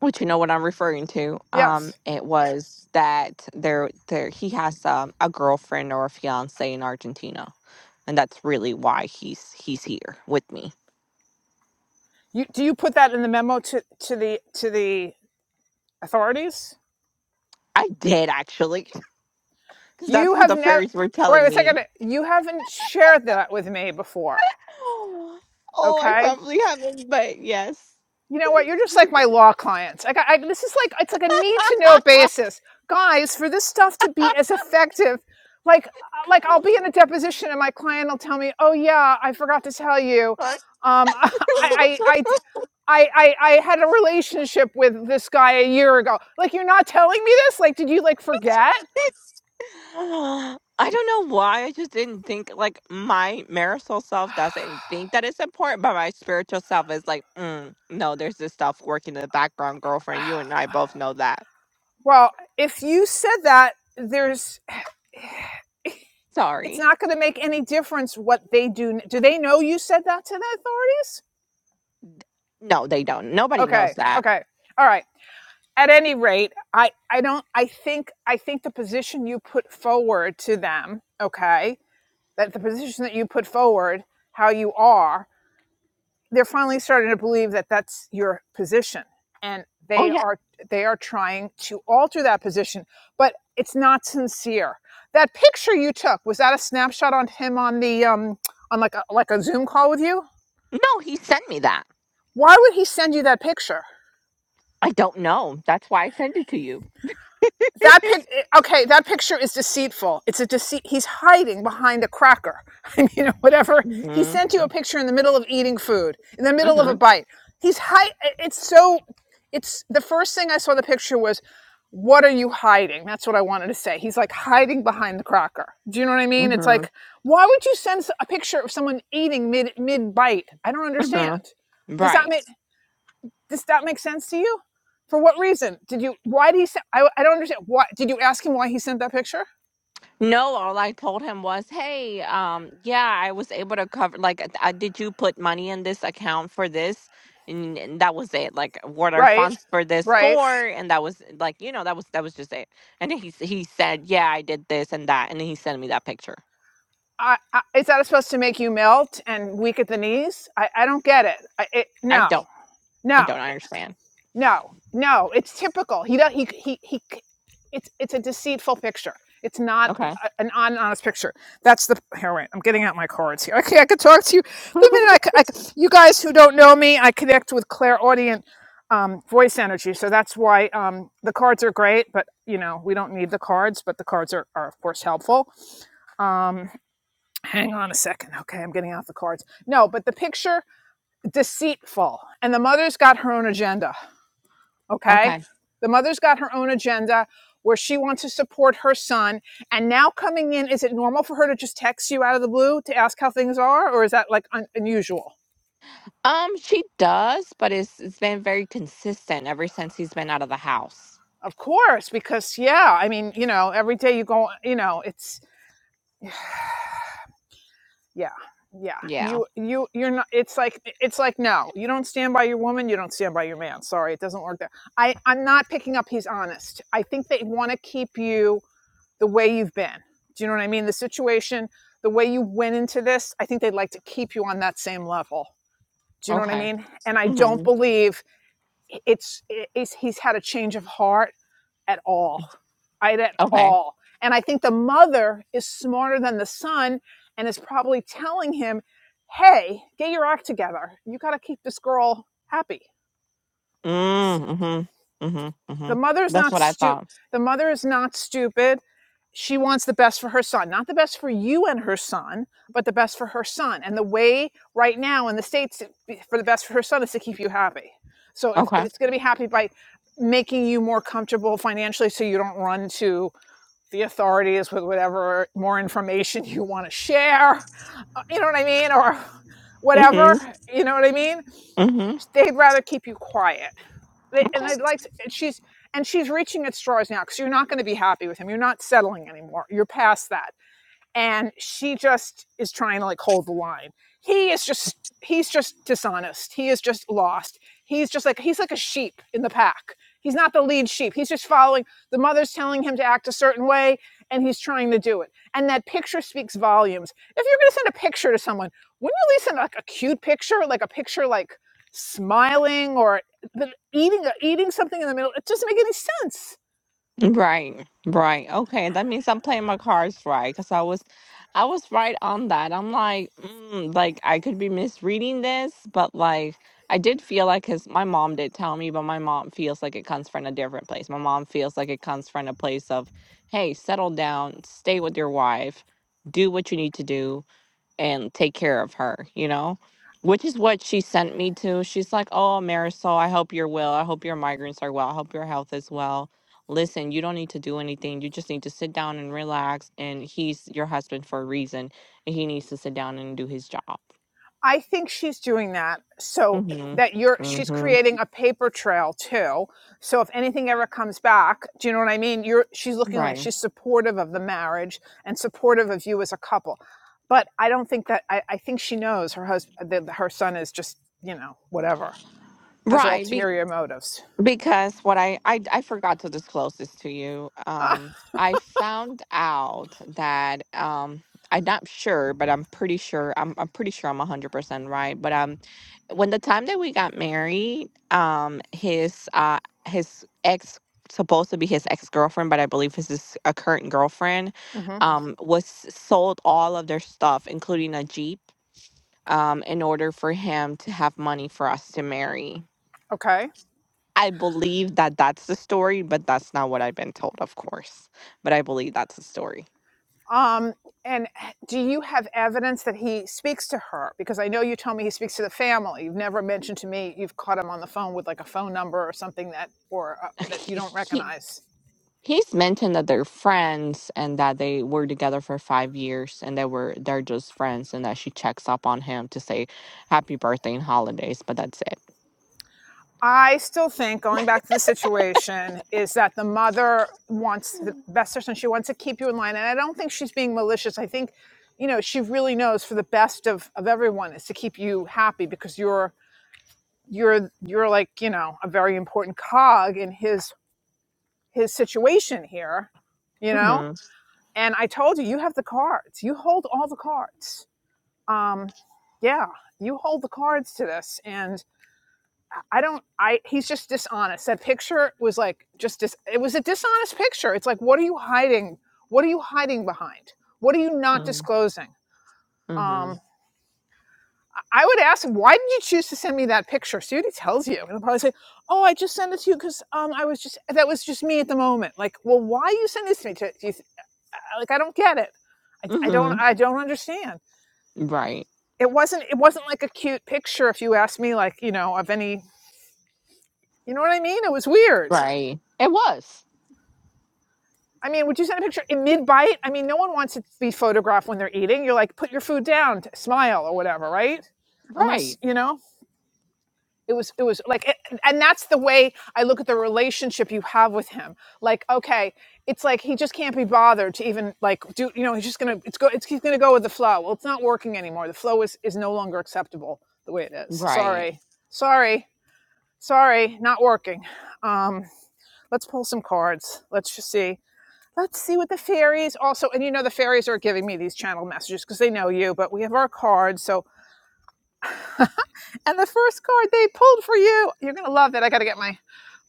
Speaker 5: which you know what i'm referring to um
Speaker 1: Yes.
Speaker 5: it was that there there he has um, a girlfriend or a fiance in argentina and that's really why he's he's here with me
Speaker 1: You do you put that in the memo to to the to the authorities?
Speaker 5: i did actually because that's
Speaker 1: You
Speaker 5: what
Speaker 1: have
Speaker 5: the
Speaker 1: never
Speaker 5: fairies were telling
Speaker 1: wait a
Speaker 5: me
Speaker 1: second. You haven't shared that with me before.
Speaker 5: oh i
Speaker 1: Okay
Speaker 5: probably haven't but yes
Speaker 1: You know what? You're just like my law clients. Like I, got, I, this is like it's like a need to know basis, guys. For this stuff to be as effective, like uh, like I'll be in a deposition and my client will tell me, "Oh yeah, I forgot to tell you, um, I, I I I I I had a relationship with this guy a year ago." Like you're not telling me this. Like did you like forget?
Speaker 5: I don't know why. I just didn't think like my marital self doesn't think that it's important, but my spiritual self is like, mm, no, there's this stuff working in the background, girlfriend. You and I both know that.
Speaker 1: Well, if you said that, there's it's
Speaker 5: Sorry.
Speaker 1: not going to make any difference what they do. Do they know you said that to the authorities?
Speaker 5: No, they don't. Nobody knows
Speaker 1: Okay.
Speaker 5: that.
Speaker 1: Okay. All right. At any rate, I I don't I think I think the position you put forward to them, okay, that the position that you put forward, how you are, they're finally starting to believe that that's your position, and
Speaker 5: Oh
Speaker 1: they
Speaker 5: yeah.
Speaker 1: are they are trying to alter that position, but it's not sincere. That picture you took was that a snapshot on him on the um on like a like a Zoom call with you?
Speaker 5: No, he sent me that.
Speaker 1: Why would he send you that picture?
Speaker 5: I don't know. That's why I sent it to you.
Speaker 1: that pic okay that picture is deceitful it's a deceit he's hiding behind a cracker i mean or whatever he
Speaker 5: mm
Speaker 1: sent you a picture in the middle of eating food in the
Speaker 5: hmm
Speaker 1: middle of a
Speaker 5: mm
Speaker 1: bite he's hi- it's so it's the first thing i saw the picture was what are you hiding that's what i wanted to say he's like hiding behind the cracker do you know what i mean it's
Speaker 5: hmm
Speaker 1: like why would you send a picture of someone eating mid mid bite i don't
Speaker 5: hmm hmm
Speaker 1: understand does
Speaker 5: Right.
Speaker 1: that make does that make sense to you? For what reason did you? Why did he send? I, I don't understand. Why did you ask him why he sent that picture?
Speaker 5: No, all I told him was, "Hey, um, yeah, I was able to cover. Like, uh, uh, did you put money in this account for this?" And, and that was it. Like, what are
Speaker 1: Right,
Speaker 5: funds for this
Speaker 1: right.
Speaker 5: for? And that was like, you know, that was that was just it. And then he s- he said, "Yeah, I did this and that," and then he sent me that picture.
Speaker 1: I, I, is that supposed to make you melt and weak at the knees? I, I don't get it. I, it.
Speaker 5: I don't
Speaker 1: No,
Speaker 5: I
Speaker 1: no.
Speaker 5: don't understand.
Speaker 1: No, no, it's typical. He does. He he he. It's it's a deceitful picture. It's not
Speaker 5: Okay.
Speaker 1: a, an honest picture. That's the here. Wait, I'm getting out my cards here. Okay, I could talk to you the minute. I, c- I c- you guys who don't know me, I connect with clairaudient um, voice energy, so that's why um, the cards are great. But you know, we don't need the cards, but the cards are are of course helpful. Um, hang on a second. Okay, I'm getting out the cards. No, but the picture deceitful, and the mother's got her own agenda Okay.
Speaker 5: Okay.
Speaker 1: The mother's got her own agenda where she wants to support her son. And now coming in, is it normal for her to just text you out of the blue to ask how things are? Or is that like un- unusual?
Speaker 5: Um, she does, but it's it's been very consistent ever since he's been out of the house.
Speaker 1: Of course, because yeah, I mean, you know, every day you go, you know, it's, yeah. Yeah,
Speaker 5: Yeah.
Speaker 1: you you you're not. It's like it's like no, you don't stand by your woman, you don't stand by your man. Sorry, it doesn't work there. I I'm not picking up. He's honest. I think they want to keep you the way you've been. Do you know what I mean? The situation, the way you went into this, I think they'd like to keep you on that same level. Do you know what I
Speaker 5: Okay.
Speaker 1: mean? And I don't
Speaker 5: Mm-hmm.
Speaker 1: believe it's, it's he's had a change of heart at all, right? At
Speaker 5: Okay.
Speaker 1: all. And I think the mother is smarter than the son and is probably telling him, hey, get your act together. You got to keep this girl happy.
Speaker 5: Mm, mm-hmm. Mm-hmm. Mm-hmm.
Speaker 1: the mother is
Speaker 5: That's
Speaker 1: not
Speaker 5: what I
Speaker 1: stu
Speaker 5: thought.
Speaker 1: the mother is not stupid she wants the best for her son not the best for you and her son but the best for her son and the way right now in the states for the best for her son is to keep you happy so if,
Speaker 5: Okay.
Speaker 1: if it's going to be happy by making you more comfortable financially so you don't run to the authorities with whatever more information you want to share uh, you know what i mean or
Speaker 5: Mm-hmm.
Speaker 1: whatever you know what i mean
Speaker 5: Mm-hmm.
Speaker 1: they'd rather keep you quiet
Speaker 5: Okay.
Speaker 1: and they'd like to, she's and she's reaching at straws now because you're not going to be happy with him. You're not settling anymore. You're past that and she just is trying to like hold the line he is just he's just dishonest he is just lost he's just like he's like a sheep in the pack he's not the lead sheep he's just following the mother's telling him to act a certain way and he's trying to do it and that picture speaks volumes if you're going to send a picture to someone wouldn't you at least send like a cute picture like a picture like smiling or eating eating something in the middle it doesn't make any sense
Speaker 5: Right. Right. Okay. That means I'm playing my cards right. Cause I was I was right on that. I'm like, mm, like I could be misreading this, but like I did feel like cause my mom did tell me, but my mom feels like it comes from a different place. My mom feels like it comes from a place of, hey, settle down, stay with your wife, do what you need to do and take care of her, you know? Which is what she sent me to. She's like, Oh, Marisol, I hope you're well. I hope your migraines are well. I hope your health is well. Listen, you don't need to do anything. You just need to sit down and relax. And he's your husband for a reason. And he needs to sit down and do his job.
Speaker 1: I think she's doing that so
Speaker 5: Mm-hmm.
Speaker 1: that you're she's
Speaker 5: Mm-hmm.
Speaker 1: creating a paper trail too. So if anything ever comes back, do you know what I mean? You're she's looking like
Speaker 5: Right.
Speaker 1: she's supportive of the marriage and supportive of you as a couple. But I don't think that I, I think she knows her husband that her son is just, you know, whatever, has
Speaker 5: Right.
Speaker 1: ulterior motives.
Speaker 5: Because what I, I I forgot to disclose this to you.
Speaker 1: Ah,
Speaker 5: Um, I found out that um, I'm not sure, but I'm pretty sure. I'm I'm pretty sure I'm hundred percent right. But um, when the time that we got married, um, his uh his ex supposed to be his ex girlfriend, but I believe his is a current girlfriend,
Speaker 1: hmm
Speaker 5: um, was sold all of their stuff, including a jeep, um, in order for him to have money for us to marry.
Speaker 1: Okay.
Speaker 5: I believe that that's the story, but that's not what I've been told, of course. But I believe that's the story.
Speaker 1: Um, and do you have evidence that he speaks to her? Because I know you told me he speaks to the family. You've never mentioned to me you've caught him on the phone with like a phone number or something that or uh, that you
Speaker 5: He,
Speaker 1: don't recognize.
Speaker 5: he's mentioned that they're friends and that they were together for five years and they were they're just friends and that she checks up on him to say happy birthday and holidays, but that's it.
Speaker 1: I still think going back to the situation is that the mother wants the best person. She wants to keep you in line, and I don't think she's being malicious. I think, you know, she really knows for the best of of everyone is to keep you happy because you're you're you're like you know a very important cog in his his situation here, you know?
Speaker 5: Mm-hmm.
Speaker 1: And I told you, you have the cards. You hold all the cards. Um, yeah, you hold the cards to this. And I don't, I, he's just dishonest. That picture was like, just, dis, it was a dishonest picture. It's like, what are you hiding? What are you hiding behind? What are you not disclosing?
Speaker 5: Mm-hmm.
Speaker 1: Um, I would ask him, why did you choose to send me that picture? See what he tells you. And he'll probably say, oh, I just sent it to you because um, I was just, that was just me at the moment. Like, well, why are you send this to me? To, do you, like I don't get it. I, I don't
Speaker 5: Mm-hmm.
Speaker 1: I don't understand.
Speaker 5: Right.
Speaker 1: It wasn't it wasn't like a cute picture if you ask me like, you know, of any you know what I mean? It was weird.
Speaker 5: Right. It was.
Speaker 1: I mean, would you send a picture in mid bite? I mean, no one wants to be photographed when they're eating. You're like, put your food down, smile or whatever, right?
Speaker 5: Right.
Speaker 1: Unless, you know, it was it was like it- and that's the way i look at the relationship you have with him like okay it's like he just can't be bothered to even like do you know he's just gonna it's go it's he's gonna go with the flow well it's not working anymore the flow is is no longer acceptable the way it is
Speaker 5: Right.
Speaker 1: sorry sorry sorry not working um let's pull some cards let's just see let's see what the fairies also and you know the fairies are giving me these channel messages because they know you but we have our cards so and the first card they pulled for you, you're gonna love that. I gotta get my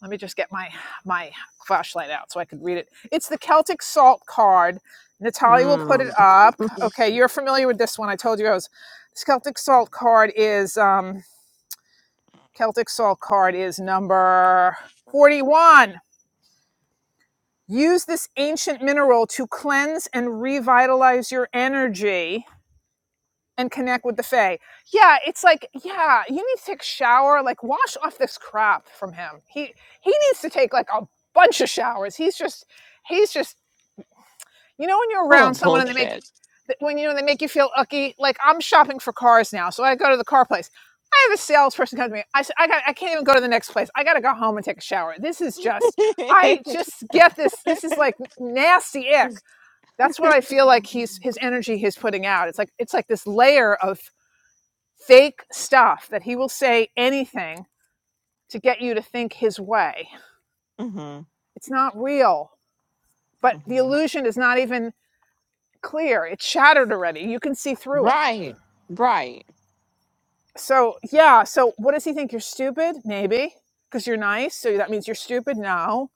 Speaker 1: let me just get my my flashlight out so I could read it. It's the Celtic Salt card. Natalia will put it
Speaker 5: Mm.
Speaker 1: up. Okay, you're familiar with this one. I told you I was. This Celtic Salt card is um, Celtic Salt card is number forty-one. Use this ancient mineral to cleanse and revitalize your energy and connect with the Fae. Yeah, it's like, yeah, you need to take a shower, like wash off this crap from him. He he needs to take like a bunch of showers. He's just he's just you know when you're
Speaker 5: Full
Speaker 1: around
Speaker 5: of
Speaker 1: someone and they make
Speaker 5: bullshit.
Speaker 1: when you know they make you feel icky. Like I'm shopping for cars now, so I go to the car place. I have a salesperson come to me. I said, I got I can't even go to the next place. I got to go home and take a shower. This is just I just get this. This is like nasty ick. That's what I feel like he's his energy he's putting out. It's like it's like this layer of fake stuff that he will say anything to get you to think his way.
Speaker 5: mm-hmm.
Speaker 1: It's not real, but the illusion is not even clear. It's shattered already. You can see through it.
Speaker 5: Right, right.
Speaker 1: So, yeah, so what does he think? You're stupid? Maybe, because you're nice. So that means you're stupid? No,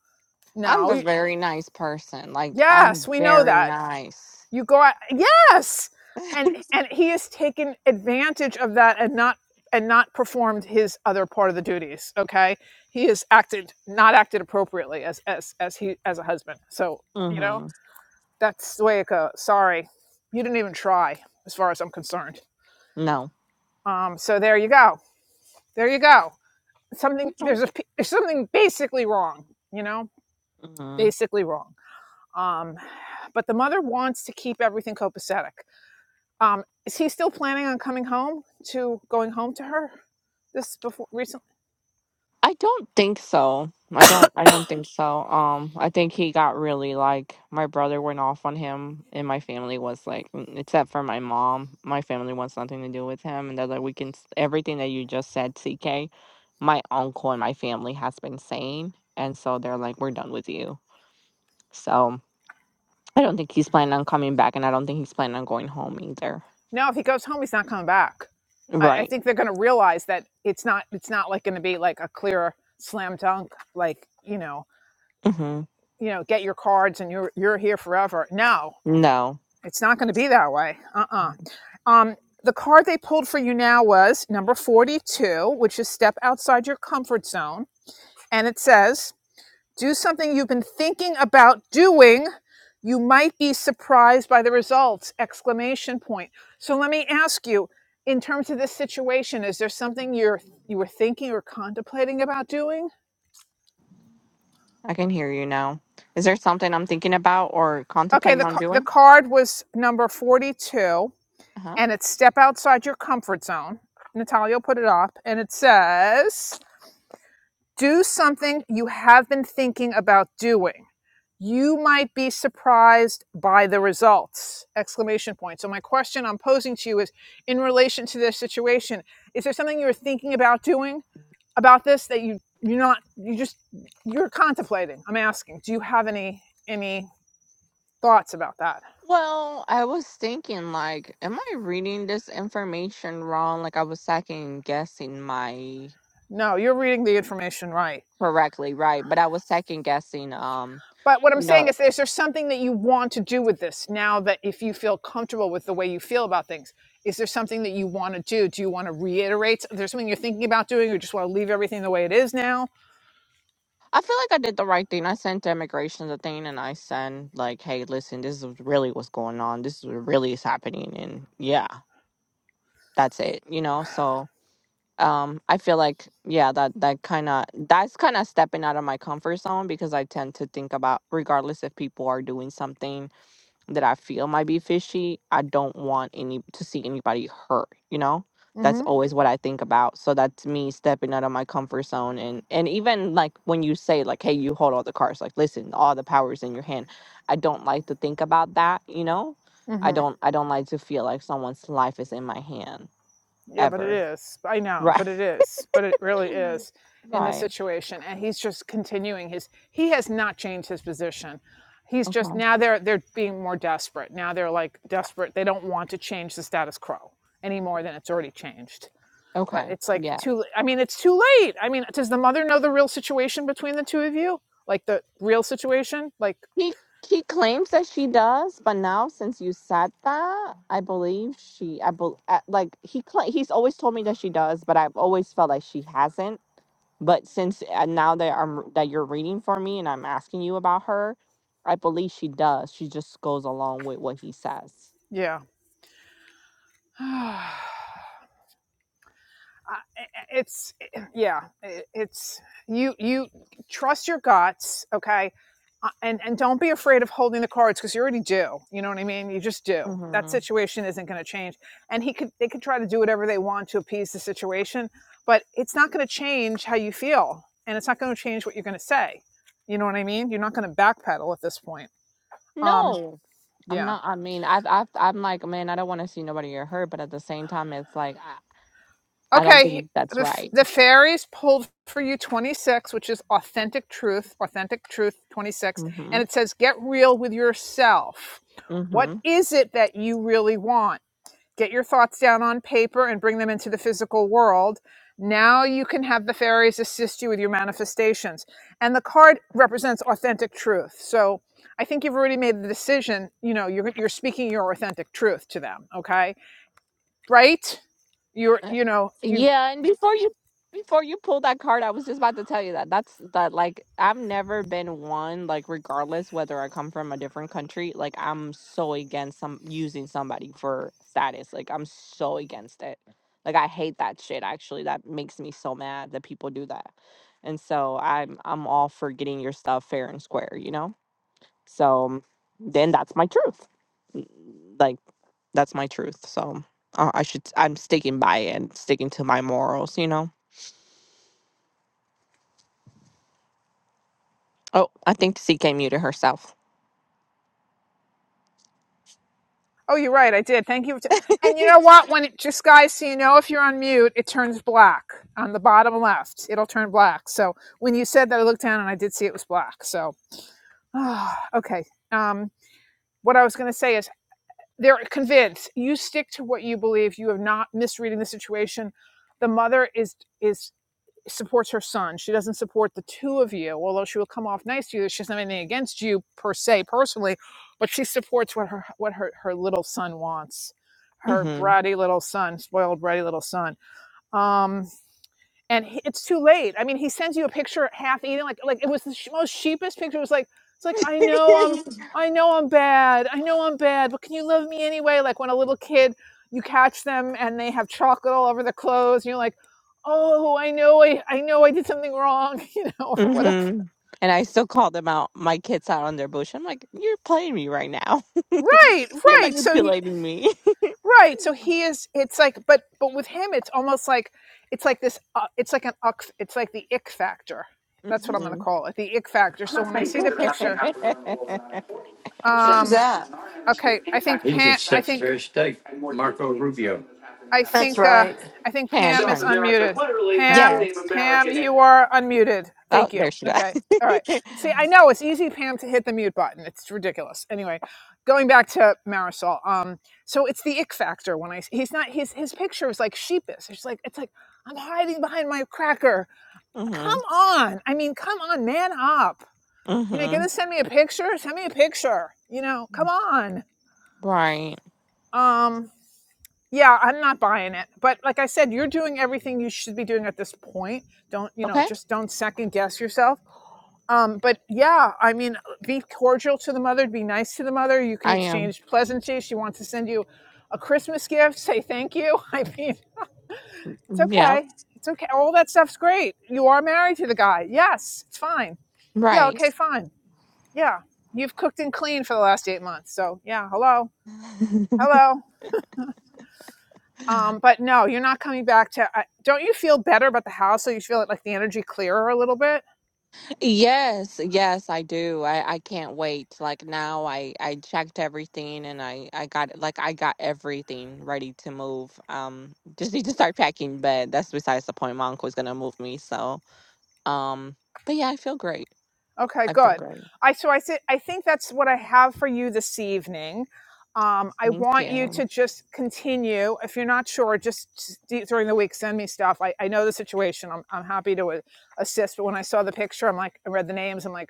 Speaker 5: I'm
Speaker 1: no.
Speaker 5: a very nice person. Like
Speaker 1: Yes,
Speaker 5: I'm
Speaker 1: we know
Speaker 5: very
Speaker 1: that.
Speaker 5: nice.
Speaker 1: You go out, yes, and and he has taken advantage of that and not and not performed his other part of the duties. Okay, he has acted not acted appropriately as as as he as a husband. So you know
Speaker 5: hmm
Speaker 1: that's the way it goes. Sorry, you didn't even try, as far as I'm concerned.
Speaker 5: No.
Speaker 1: Um, so there you go, there you go. Something
Speaker 5: Okay.
Speaker 1: there's a there's something basically wrong. You know,
Speaker 5: hmm
Speaker 1: basically wrong. Um, but the mother wants to keep everything copacetic Um, is he still planning on coming home to going home to her? This before recently?
Speaker 5: I don't think so. I don't I don't think so. Um I think he got really like my brother went off on him and my family was like mm, except for my mom, my family wants nothing to do with him and they're like we can s- everything that you just said, CK, my uncle and my family has been saying and so they're like we're done with you. So I don't think he's planning on coming back, and I don't think he's planning on going home either.
Speaker 1: No, if he goes home, he's not coming back. I, I
Speaker 5: Right.
Speaker 1: think they're going to realize that it's not. It's not like going to be like a clear slam dunk. Like you know,
Speaker 5: hmm
Speaker 1: you know, get your cards and you're you're here forever. No,
Speaker 5: No,
Speaker 1: it's not going to be that way. Uh uh Um, the card they pulled for you now was number forty two, which is step outside your comfort zone, and it says Do something you've been thinking about doing. You might be surprised by the results! Exclamation point. So let me ask you, in terms of this situation, is there something you're you were thinking or contemplating about doing?
Speaker 5: I can hear you now. Is there something I'm thinking about or
Speaker 1: Okay,
Speaker 5: contemplating
Speaker 1: the
Speaker 5: on
Speaker 1: the
Speaker 5: doing?
Speaker 1: card was number 42
Speaker 5: Uh-huh.
Speaker 1: and it's step outside your comfort zone. Natalia put it up and it says, "Do something you have been thinking about doing." you might be surprised by the results exclamation point so my question i'm posing to you is in relation to this situation is there something you're thinking about doing about this that you you're not you just you're contemplating i'm asking do you have any any thoughts about that
Speaker 5: Well, I was thinking, like, am I reading this information wrong? Like, I was second guessing my
Speaker 1: no you're reading the information right
Speaker 5: correctly, right? But I was second guessing. Um,
Speaker 1: But what I'm saying
Speaker 5: no,
Speaker 1: is, is there something that you want to do with this now that if you feel comfortable with the way you feel about things? Is there something that you want to do? Do you want to reiterate? Is there something you're thinking about doing, or just want to leave everything the way it is now?
Speaker 5: I feel like I did the right thing. I sent immigration the thing, and I sent like, hey, listen, this is really what's going on. This is what really is happening, and yeah. that's it you know so um i feel like yeah that that kind of that's kind of stepping out of my comfort zone because i tend to think about regardless if people are doing something that i feel might be fishy i don't want any to see anybody hurt you know that's
Speaker 1: Mm
Speaker 5: always what i think about so that's me stepping out of my comfort zone and and even like when you say like hey you hold all the cards like listen all the powers in your hand i don't like to think about that you know
Speaker 1: hmm. Mm
Speaker 5: i
Speaker 1: hmm.
Speaker 5: don't i don't like to feel like someone's life is in my hand
Speaker 1: Yeah, but it
Speaker 5: ever
Speaker 1: is. I know,
Speaker 5: Right.
Speaker 1: but it is. But it really is in this
Speaker 5: Right.
Speaker 1: situation. And he's just continuing his, he has not changed his position. He's just
Speaker 5: Okay.
Speaker 1: now they're they're being more desperate. Now they're like desperate. They don't want to change the status quo any more than it's already changed but
Speaker 5: Okay.
Speaker 1: it's like
Speaker 5: Yeah.
Speaker 1: too i mean it's too late i mean does the mother know the real situation between the two of you like the real situation like
Speaker 5: He he claims that she does, but now since you said that, I believe she. I bel uh, like he cla he's always told me that she does, but I've always felt like she hasn't. But since uh, now that I'm that you're reading for me and I'm asking you about her, I believe she does. She just goes along with what he says.
Speaker 1: yeah it's yeah it's you you trust your guts okay Uh, and and don't be afraid of holding the cards because you already do you know what i mean you just do that
Speaker 5: hmm
Speaker 1: situation isn't going to change and he could they could try to do whatever they want to appease the situation but it's not going to change how you feel and it's not going to change what you're going to say you know what i mean you're not going to backpedal at this point um
Speaker 5: No, I'm
Speaker 1: yeah
Speaker 5: not. I mean, I've, I've I'm like, man, I don't want to see nobody get hurt, but at the same time, it's like I, I don't
Speaker 1: Okay,
Speaker 5: think that's
Speaker 1: the
Speaker 5: right.
Speaker 1: the fairies pulled for you 26, which is authentic truth, authentic truth 26, and
Speaker 5: Mhm.
Speaker 1: it says get real with yourself. What
Speaker 5: Mhm.
Speaker 1: is it that you really want? Get your thoughts down on paper and bring them into the physical world. Now you can have the fairies assist you with your manifestations. And the card represents authentic truth. So I think you've already made the decision, you know, you're you're speaking your authentic truth to them, okay? Right? you're
Speaker 5: Uh,
Speaker 1: you know you've
Speaker 5: Yeah, and before you before you pull that card, I was just about to tell you that. That's that like I've never been one like regardless whether I come from a different country, like I'm so against some using somebody for status. Like I'm so against it. Like I hate that shit actually. That makes me so mad that people do that. And so I'm I'm all for getting your stuff fair and square, you know? So then that's my truth. Like. That's my truth. So uh, I should. I'm sticking by it and sticking to my morals. You know. Oh, I think CK muted herself.
Speaker 1: Oh, you're right. I did. Thank you. And you know what? When it just guys, so you know, if you're on mute, it turns black on the bottom left. It'll turn black. So when you said that, I looked down and I did see it was black. So oh, okay. Um, what I was going to say is, they're convinced. You stick to what you believe. You have not misreading the situation. The mother is is supports her son. She doesn't support the two of you, although she will come off nice to you. She doesn't have anything against you per se personally, but she supports what her what her, her little son wants. Her
Speaker 5: Mm-hmm.
Speaker 1: bratty little son, spoiled bratty little son. Um, and he, it's too late. I mean, he sends you a picture half eaten, like like it was the sh- most sheepest picture. It was like it's like I know I'm I know I'm bad. I know I'm bad, but can you love me anyway? Like when a little kid, you catch them and they have chocolate all over their clothes, and you're like, oh, I know I I know I did something wrong, you know, or whatever.
Speaker 5: mm-hmm. And I still call them out. My kids out on their bush. I'm like, you're playing me right now.
Speaker 1: Right,
Speaker 5: you're
Speaker 1: right. So he,
Speaker 5: manipulating me.
Speaker 1: right, so he is. It's like, but but with him, it's almost like it's like this. Uh, it's like an uck. It's like the ick factor. That's what I'm going to
Speaker 5: hmm
Speaker 1: call it, the ick factor.
Speaker 7: I'm
Speaker 1: So
Speaker 7: not
Speaker 1: when I
Speaker 7: saying
Speaker 1: see
Speaker 7: things
Speaker 1: the
Speaker 7: that are happening
Speaker 1: picture.
Speaker 7: halfway around the world are not important. I'm saying Who's
Speaker 1: Um,
Speaker 7: that? in our
Speaker 1: okay,
Speaker 7: hemisphere
Speaker 1: I
Speaker 7: impact
Speaker 1: think
Speaker 7: He's the
Speaker 1: Pam. I think
Speaker 7: Secretary of State, Marco Rubio. that's
Speaker 1: I think uh, I think
Speaker 5: Hand
Speaker 1: Pam is
Speaker 7: South
Speaker 5: turn.
Speaker 7: America
Speaker 1: unmuted.
Speaker 7: literally has the
Speaker 1: Pam,
Speaker 7: name
Speaker 5: Yes.
Speaker 7: America
Speaker 1: Pam,
Speaker 7: in
Speaker 1: you
Speaker 7: it.
Speaker 1: are unmuted.
Speaker 5: Oh,
Speaker 1: Thank you.
Speaker 5: there she goes.
Speaker 1: Okay, all right. See, I know it's easy, Pam, to hit the mute button. It's ridiculous. Anyway, going back to Marisol. Um, so it's the ick factor when I he's not his his picture is like sheepish. It's like it's like I'm hiding behind my cracker. Come
Speaker 5: mhm.
Speaker 1: on, I mean, come on, man up. You know,
Speaker 5: Mhm.
Speaker 1: gonna send me a picture? Send me a picture. You know, come on.
Speaker 5: Right.
Speaker 1: Um, Yeah, I'm not buying it. But like I said, you're doing everything you should be doing at this point. Don't, you know,
Speaker 5: Okay.
Speaker 1: just don't second guess yourself. Um, but yeah, I mean, be cordial to the mother, be nice to the mother. You can
Speaker 5: I am.
Speaker 1: exchange pleasantries. She wants to send you a Christmas gift, say thank you. I mean, it's
Speaker 5: Yep.
Speaker 1: okay. It's okay. All that stuff's great. You are married to the guy. Yes, it's fine. Yeah,
Speaker 5: Right.
Speaker 1: okay, fine. Yeah. You've cooked and cleaned for the last eight months. So yeah, hello. Hello. Um, but no, you're not coming back to. I don't you feel better about the house? So you feel like the energy clearer a little bit.
Speaker 5: Yes, yes, I do. I I can't wait. Like now I I checked everything and I I got like I got everything ready to move. Um just need to start packing, but that's besides the point. My uncle's gonna move me, so um but yeah, I feel great.
Speaker 1: Okay,
Speaker 5: I feel
Speaker 1: good.
Speaker 5: great.
Speaker 1: I so I said I think that's what I have for you this evening. Um, I
Speaker 5: Thank
Speaker 1: want you
Speaker 5: you.
Speaker 1: to just continue. If you're not sure, just s- d- during the week send me stuff. I, I know the situation. I'm I'm happy to a- assist. But when I saw the picture, I'm like I read the names. I'm like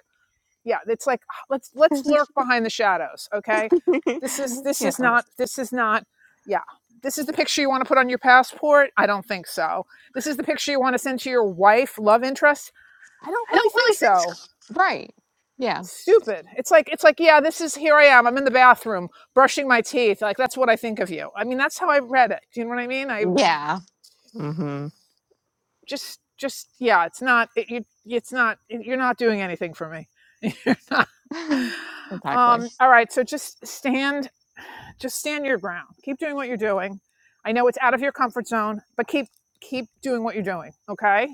Speaker 1: yeah it's like "Ah, let's let's lurk behind the shadows okay this is this
Speaker 5: yeah.
Speaker 1: is not this is not yeah this is the picture you want to put on your passport i don't think so this is the picture you want to send to your wife love interest i don't
Speaker 5: I
Speaker 1: really
Speaker 5: don't
Speaker 1: think
Speaker 5: really
Speaker 1: so
Speaker 5: Right. Yeah.
Speaker 1: stupid it's like it's like yeah this is here i am i'm in the bathroom brushing my teeth like that's what i think of you i mean that's how i read it do you know what i mean i
Speaker 5: Yeah. Mhm.
Speaker 1: just just yeah it's not it, you it's not you're not doing anything for me you're not
Speaker 5: exactly.
Speaker 1: um all right so just stand just stand your ground keep doing what you're doing i know it's out of your comfort zone but keep keep doing what you're doing okay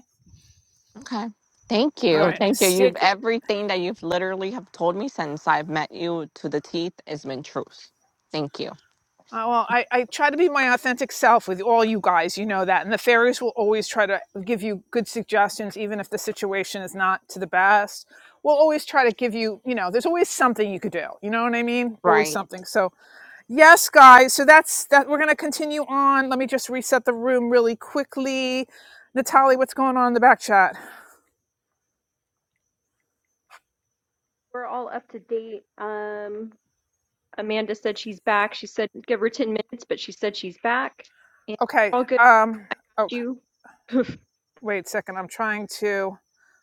Speaker 5: Okay. Thank
Speaker 1: all
Speaker 5: you.
Speaker 1: right
Speaker 5: Thank you. You've
Speaker 1: stick
Speaker 5: everything that you've literally have told me since I've met you to the teeth has been truth. Thank you.
Speaker 1: Uh, well, I, I try to be my authentic self with all you guys. You know that. And the fairies will always try to give you good suggestions, even if the situation is not to the best. We'll always try to give you, you know, there's always something you could do. You know what I mean? Always
Speaker 5: Right.
Speaker 1: something. So, yes, guys. So that's that. We're going to continue on. Let me just reset the room really quickly. Natalie, what's going on in the back chat?
Speaker 2: we're all up to date. Um, Amanda said she's back. She said give her 10 minutes, but she said she's back. And you're
Speaker 1: Okay.
Speaker 2: all good.
Speaker 1: Um,
Speaker 2: I got
Speaker 1: oh,
Speaker 2: you. I
Speaker 1: wait a second. I'm trying to.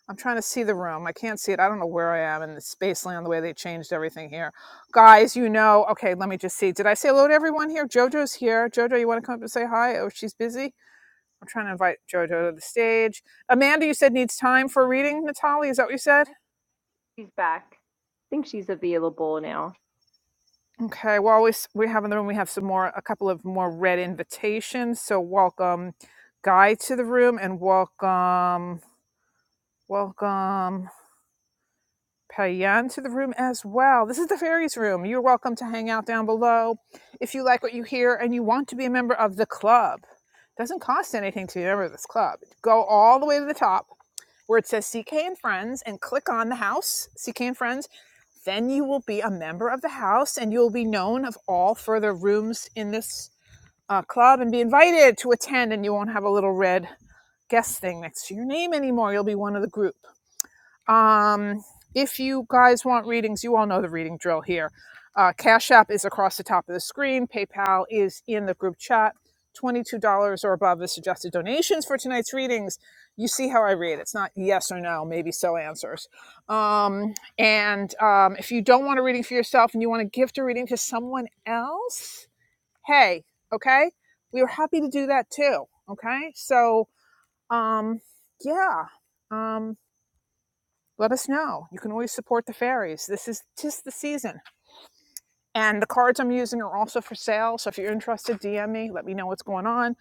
Speaker 1: I'm trying to see the room. I can't see it. I don't know where I am in the spaceland, the way they changed everything here. Guys, you know, okay, let me just see. Did I say hello to everyone here? JoJo's here. JoJo, you want to come up and say hi? Oh, she's busy. I'm trying to invite JoJo to the stage. Amanda, you said needs time for reading, Natalie. Is that what you said?
Speaker 2: She's back. I think she's available now.
Speaker 1: Okay, well, we, we have in the room, we have some more, a couple of more red invitations. So welcome Guy to the room and welcome, welcome. Payan to the room as well. This is the fairies room. You're welcome to hang out down below if you like what you hear and you want to be a member of the club. It Doesn't cost anything to be a member of this club. Go all the way to the top where it says CK and Friends and click on the house, CK and Friends. Then you will be a member of the house and you'll be known of all further rooms in this uh, club and be invited to attend and you won't have a little red guest thing next to your name anymore. You'll be one of the group. Um, if you guys want readings, you all know the reading drill here. Uh, Cash App is across the top of the screen. PayPal is in the group chat. $22 or above is suggested donations for tonight's readings. You see how I read. It's not yes or no, maybe so answers. Um, and um, if you don't want a reading for yourself and you want to gift a reading to someone else, hey, okay? We are happy to do that too, okay? So, um, yeah. Um, let us know. You can always support the fairies. This is just the season. And the cards I'm using are also for sale. So if you're interested, DM me. Let me know what's going on.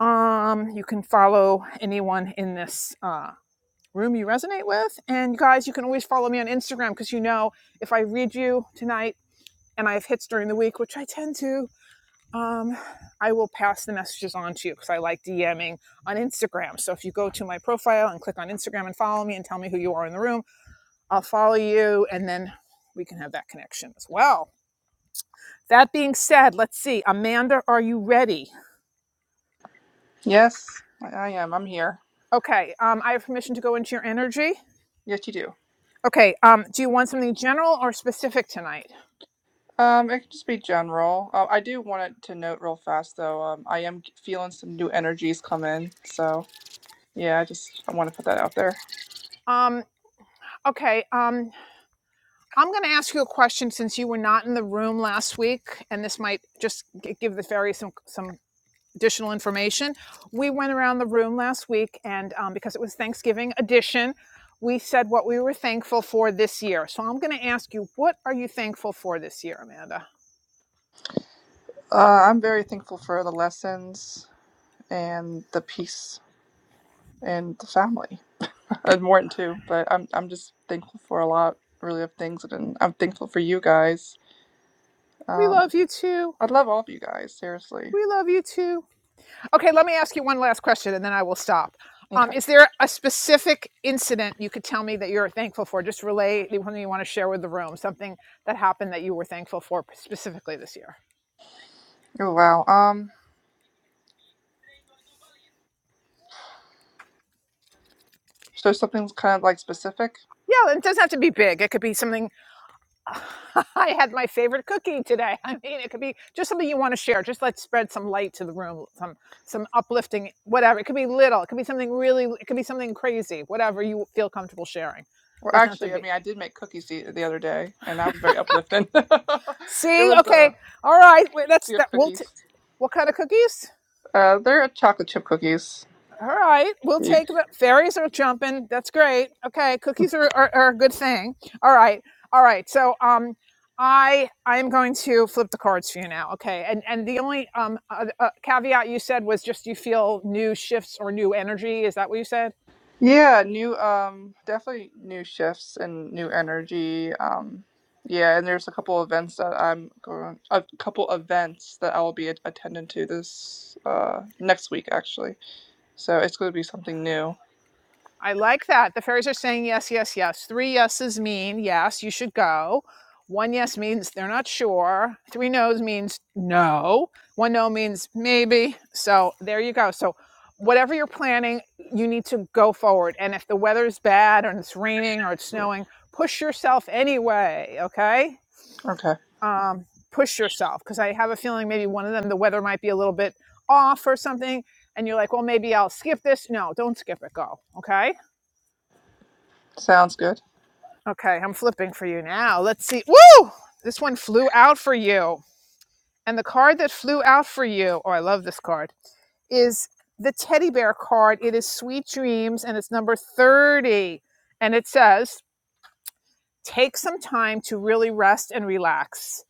Speaker 1: Um, you can follow anyone in this uh, room you resonate with. And guys, you can always follow me on Instagram because you know if I read you tonight and I have hits during the week, which I tend to, um, I will pass the messages on to you because I like DMing on Instagram. So if you go to my profile and click on Instagram and follow me and tell me who you are in the room, I'll follow you and then we can have that connection as well. That being said, let's see. Amanda, are you ready?
Speaker 10: Yes, I, I am. I'm here.
Speaker 1: Okay, um, I have permission to go into your energy.
Speaker 10: Yes, you do.
Speaker 1: Okay, um, do you want something general or specific tonight?
Speaker 10: Um, it could just be general. Uh, I do want it to note real fast though. Um, I am feeling some new energies come in, so yeah, I just I want to put that out there.
Speaker 1: Um, okay, um, I'm going to ask you a question since you were not in the room last week, and this might just g- give the fairy some some additional information. We went around the room last week, and um, because it was Thanksgiving edition, we said what we were thankful for this year. So I'm going to ask you, what are you thankful for this year, Amanda?
Speaker 10: Uh, I'm very thankful for the lessons and the peace and the family, and more than two. But I'm I'm just thankful for a lot really of things, and I'm thankful for you guys.
Speaker 1: We
Speaker 10: Um,
Speaker 1: love you too.
Speaker 10: I love all of you guys, seriously.
Speaker 1: We love you too. Okay, let me ask you one last question, and then I will stop. Um,
Speaker 10: Okay.
Speaker 1: is there a specific incident you could tell me that you're thankful for? Just relay something you want to share with the room, something that happened that you were thankful for specifically this year.
Speaker 10: Oh wow. Um, so something's kind of like specific.
Speaker 1: Yeah, it doesn't have to be big. It could be something I had my favorite cookie today. I mean, it could be just something you want to share. Just let's spread some light to the room, some some uplifting, whatever. It could be little. It could be something really. It could be something crazy. Whatever you feel comfortable sharing.
Speaker 10: Well,
Speaker 1: Doesn't have to
Speaker 10: actually, I
Speaker 1: be.
Speaker 10: mean, I did make cookies the, the other day, and that was very uplifting. it
Speaker 1: See,
Speaker 10: was uh,
Speaker 1: okay, all right. Wait, that's
Speaker 10: chip
Speaker 1: that. We'll t-
Speaker 10: cookies.
Speaker 1: what kind of cookies?
Speaker 10: Uh, they're uh, chocolate chip cookies.
Speaker 1: All right, we'll
Speaker 10: Dude.
Speaker 1: take the fairies are jumping. That's great. Okay, cookies are, are, are a good thing. All right, all right. So um, I I am going to flip the cards for you now. Okay, and and the only um uh, uh, caveat you said was just you feel new shifts or new energy. Is that what you said?
Speaker 10: Yeah, new, um, definitely new shifts and new energy. Um, yeah, and there's a couple events that I'm going, a couple events that I will be at- attending to this uh next week actually. So it's going to be something new.
Speaker 1: I like that. The fairies are saying yes, yes, yes. Three yeses mean yes, you should go. One yes means they're not sure. Three no's means no. One no means maybe. So there you go. So whatever you're planning, you need to go forward. And if the weather's bad and it's raining or it's snowing, push yourself anyway. Okay.
Speaker 10: Okay,
Speaker 1: Um, push yourself because I have a feeling maybe one of them, the weather might be a little bit off or something. And you're like, well, maybe I'll skip this. No, don't skip it. Go. Okay
Speaker 10: sounds good.
Speaker 1: Okay, I'm flipping for you now. Let's see. Woo! This one flew out for you. And the card that flew out for you, oh, I love this card, is the teddy bear card. It is Sweet Dreams and it's number 30. And it says, take some time to really rest and relax.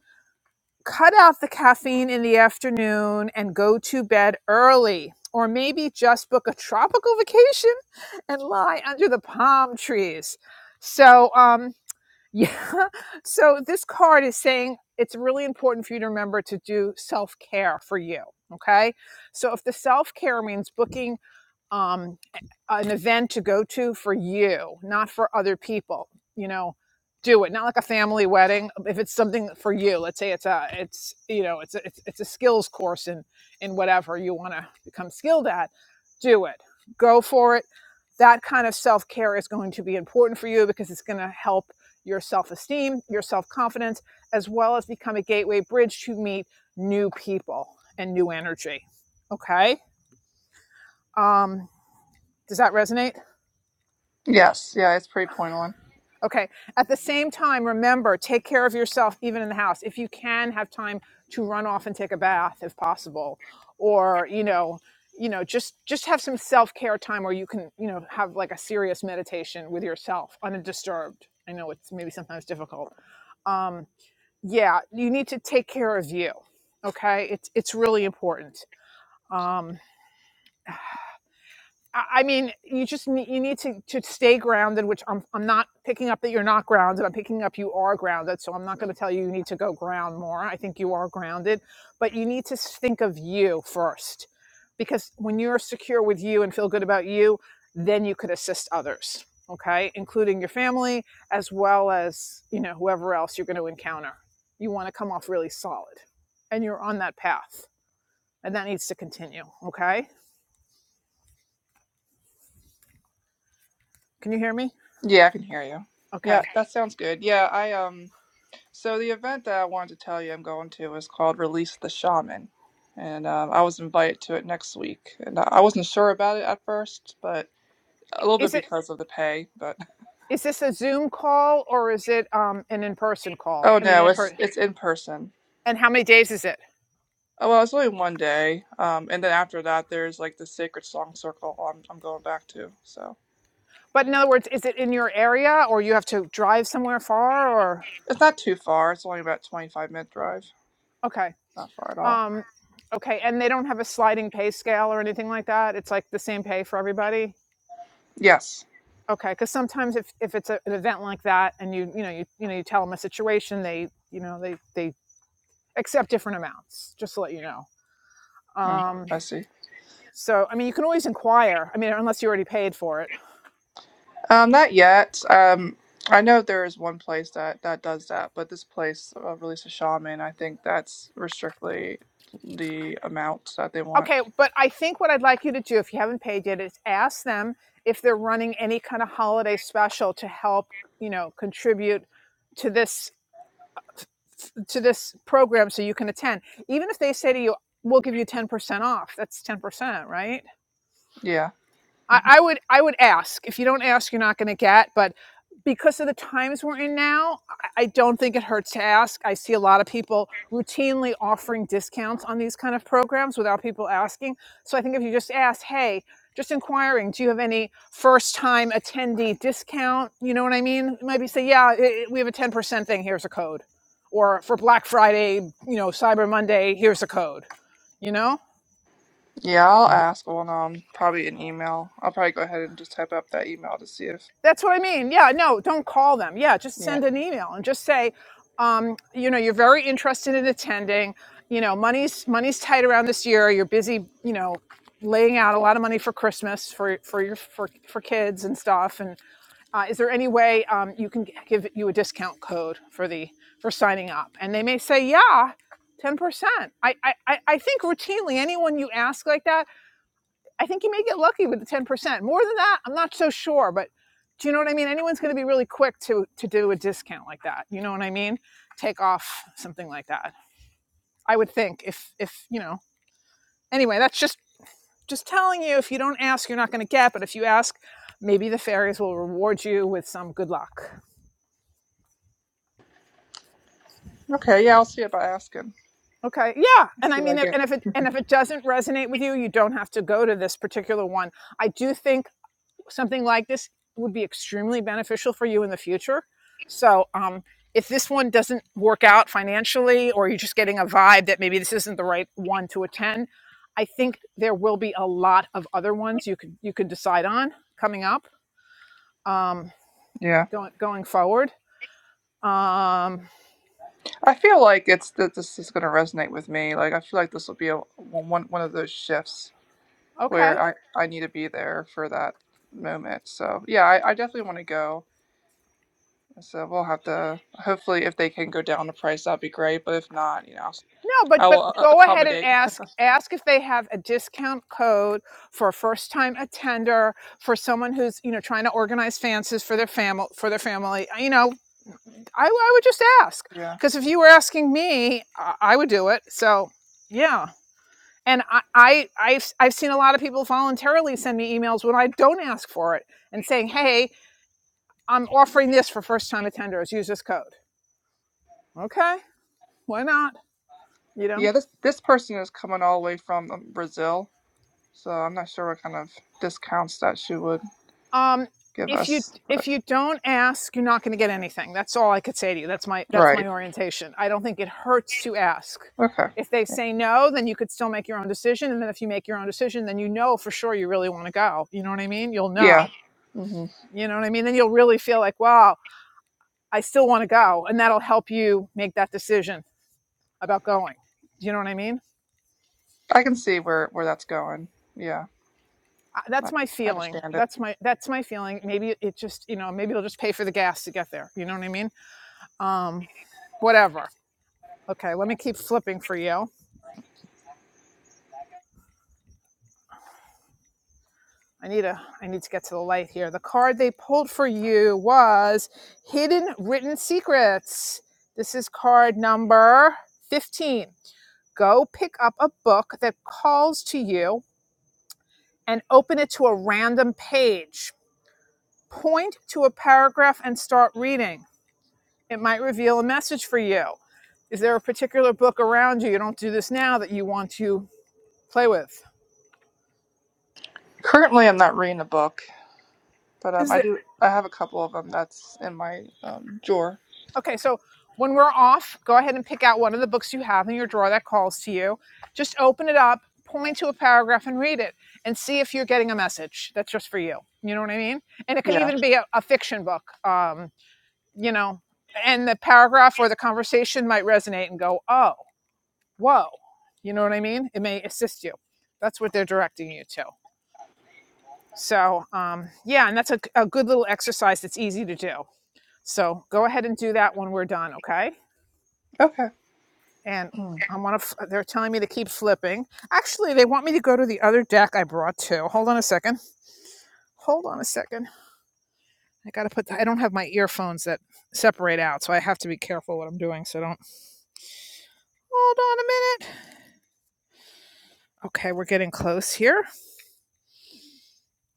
Speaker 1: Cut out the caffeine in the afternoon and go to bed early. Or maybe just book a tropical vacation and lie under the palm trees. So, um, yeah. So this card is saying it's really important for you to remember to do self care for you. Okay. So if the self care means booking um, an event to go to for you, not for other people. You know, do it. Not like a family wedding. um, If it's something for you, let's say it's a, it's you know, it's a, it's, it's a skills course in in whatever you want to become skilled at. Do it. Go for it. That kind of self care is going to be important for you because it's going to help your self esteem, your self confidence, as well as become a gateway bridge to meet new people and new energy. Okay. Um, does that resonate?
Speaker 10: Yes, yeah, it's pretty point on.
Speaker 1: Okay. At the same time, remember, take care of yourself even in the house. If you can have time to run off and take a bath if possible or, you know, you know, just just have some self-care time where you can, you know, have like a serious meditation with yourself undisturbed. I know it's maybe sometimes difficult. Um yeah, you need to take care of you. Okay? It's it's really important. Um, I mean, you just need, you need to, to stay grounded, which I'm I'm not picking up that you're not grounded. I'm picking up you are grounded. So I'm not going to tell you you need to go ground more. I think you are grounded, but you need to think of you first, because when you're secure with you and feel good about you, then you could assist others. Okay, including your family as well as you know whoever else you're going to encounter. You want to come off really solid, and you're on that path, and that needs to continue. Okay, can you hear me?
Speaker 10: Yeah, I can hear you. Yeah,
Speaker 1: Okay
Speaker 10: that sounds good. Yeah, I um. So the event that I wanted to tell you I'm going to is called Release the Shaman, and um, I was invited to it next week. And I I wasn't sure about it at first, but a little
Speaker 1: Is
Speaker 10: bit
Speaker 1: it?
Speaker 10: because of the pay. But
Speaker 1: Is this a Zoom call or is it um, an in-person call?
Speaker 10: oh
Speaker 1: I mean,
Speaker 10: no,
Speaker 1: in
Speaker 10: it's
Speaker 1: per,
Speaker 10: it's in person.
Speaker 1: and how many days is it?
Speaker 10: Oh well, it's only one day, um, and then after that, there's like the Sacred Song Circle. I'm I'm going back to, so
Speaker 1: But in
Speaker 10: yeah.
Speaker 1: other words, is it in your area or you have to drive somewhere far or?
Speaker 10: it's not too far. It's only about 25 minute drive.
Speaker 1: Okay.
Speaker 10: Not far at all.
Speaker 1: Um, okay. And they don't have a sliding pay scale or anything like that. It's like the same pay for everybody.
Speaker 10: Yes,
Speaker 1: Okay. Cause sometimes if, if it's a, an event like that and you, you know, you, you know, you tell them a situation, they, you know, they, they accept different amounts, just to let you know.
Speaker 10: mm,
Speaker 1: Um,
Speaker 10: I see.
Speaker 1: so, I mean, you can always inquire. I mean, unless you already paid for it.
Speaker 10: Um, not yet. Um, I know there is one place that that does that, but this place uh, release a shaman. I think that's restrictly the amount that they
Speaker 1: Okay,
Speaker 10: want.
Speaker 1: but I think what I'd like you to do, if you haven't paid yet, is ask them if they're running any kind of holiday special to help, you know, contribute to this to this program so you can attend. Even if they say to you, "We'll give you ten percent off," that's ten percent, right?
Speaker 10: Yeah.
Speaker 1: I,
Speaker 10: Mhm.
Speaker 1: I would I would ask. If you don't ask, you're not going to get. But because of the times we're in now, I, I don't think it hurts to ask. I see a lot of people routinely offering discounts on these kind of programs without people asking. So I think if you just ask, hey, just inquiring, do you have any first time attendee discount? You know what I mean? Maybe say, yeah, i we have a 10% thing. Here's a code. Or for Black Friday, you know, Cyber Monday, here's a code. You know?
Speaker 10: Yeah, I'll Mm. ask on um probably an email. I'll probably go ahead and just type up that email to see if
Speaker 1: That's what I mean. Yeah, no, don't call them. Yeah, just
Speaker 10: yeah.
Speaker 1: send an email and just say, um, you know, you're very interested in attending. You know, money's money's tight around this year. You're busy, you know, laying out a lot of money for Christmas for for your for for kids and stuff. And uh, is there any way um, you can give you a discount code for the for signing up? And they may say, yeah, ten percent. I I I I think routinely anyone you ask like that I think you may get lucky with the 10%. More than that, I'm not so sure, but do you know what I mean? Anyone's going to be really quick to to do a discount like that. You know what I mean? Take off something like that. I would think if if, you know. Anyway, that's just just telling you if you don't ask, you're not going to get, but if you ask, maybe the fairies will reward you with some good luck.
Speaker 10: Okay, yeah, I'll see about asking.
Speaker 1: Okay. Yeah. And I
Speaker 10: See what I
Speaker 1: mean
Speaker 10: get.
Speaker 1: and if it and if it doesn't resonate with you, you don't have to go to this particular one. I do think something like this would be extremely beneficial for you in the future. So, um, if this one doesn't work out financially, or you're just getting a vibe that maybe this isn't the right one to attend, I think there will be a lot of other ones you could you could decide on coming up, um,
Speaker 10: Yeah,
Speaker 1: going going forward. Um,
Speaker 10: I feel like it's that this is gonna resonate with me. Like I feel like this will be a one one one of those shifts
Speaker 1: okay,
Speaker 10: where I, I need to be there for that moment. So yeah, I, I definitely want to go. So we'll have to hopefully if they can go down the price, that'd be great. But if not, you know,
Speaker 1: No, but
Speaker 10: I
Speaker 1: but
Speaker 10: will uh,
Speaker 1: go ahead and
Speaker 10: accommodate.
Speaker 1: ask ask if they have a discount code for a first time attender for someone who's you know trying to organize fancies for their family for their family. uh, You know, I, I would just ask
Speaker 10: Yeah,
Speaker 1: because if you were asking me, I, I would do it. So yeah, and I, I I've I've seen a lot of people voluntarily send me emails when I don't ask for it and saying, hey, I'm offering this for first time attenders. Use this code. Okay, why not? You know.
Speaker 10: yeah. This this person is coming all the way from um, Brazil, so I'm not sure what kind of discounts that she would
Speaker 1: Um,
Speaker 10: give
Speaker 1: if you
Speaker 10: us.
Speaker 1: if
Speaker 10: But
Speaker 1: you don't ask, you're not going to get anything. That's all I could say to you. That's my that's my
Speaker 10: right,
Speaker 1: orientation. I don't think it hurts to ask.
Speaker 10: okay,
Speaker 1: If they say no, then you could still make your own decision. And then if you make your own decision, then you know for sure you really want to go. You know what I mean? You'll
Speaker 10: yeah.
Speaker 1: know.
Speaker 10: hmm
Speaker 1: You know what I mean? Then you'll really feel like, wow, I still want to go, and that'll help you make that decision about going. You know what I mean?
Speaker 10: I can see where where that's going. Yeah,
Speaker 1: Uh,
Speaker 10: I,
Speaker 1: That's my
Speaker 10: I
Speaker 1: feeling.
Speaker 10: understand it.
Speaker 1: That's my that's my feeling. Maybe it just you know maybe it'll just pay for the gas to get there. You know what I mean? Um, whatever. Okay, let me keep flipping for you. I need a I need to get to the light here. The card they pulled for you was Hidden Written Secrets. This is card number 15. Go pick up a book that calls to you and open it to a random page. Point to a paragraph and start reading. It might reveal a message for you. Is there a particular book around you you don't do this now that you want to play with?
Speaker 10: Currently, I'm not reading a book. But um,
Speaker 1: Is
Speaker 10: I
Speaker 1: there,
Speaker 10: do. I have a couple of them that's in my um drawer.
Speaker 1: Okay, so when we're off, go ahead and pick out one of the books you have in your drawer that calls to you. Just open it up, point to a paragraph, and read it, and see if you're getting a message that's just for you. You know what I mean? And it can
Speaker 10: Yeah.
Speaker 1: even be a, a fiction book, um, you know, and the paragraph or the conversation might resonate and go, oh, whoa. You know what I mean? It may assist you. That's what they're directing you to. So, um, yeah, and that's a, a good little exercise that's easy to do. So go ahead and do that when we're done, okay?
Speaker 10: Okay.
Speaker 1: and
Speaker 10: Hmm.
Speaker 1: I want to. They're telling me to keep flipping. Actually, they want me to go to the other deck I brought too. Hold on a second. Hold on a second. I gotta put. The, I don't have my earphones that separate out, so I have to be careful what I'm doing. So don't. Hold on a minute. Okay, we're getting close here.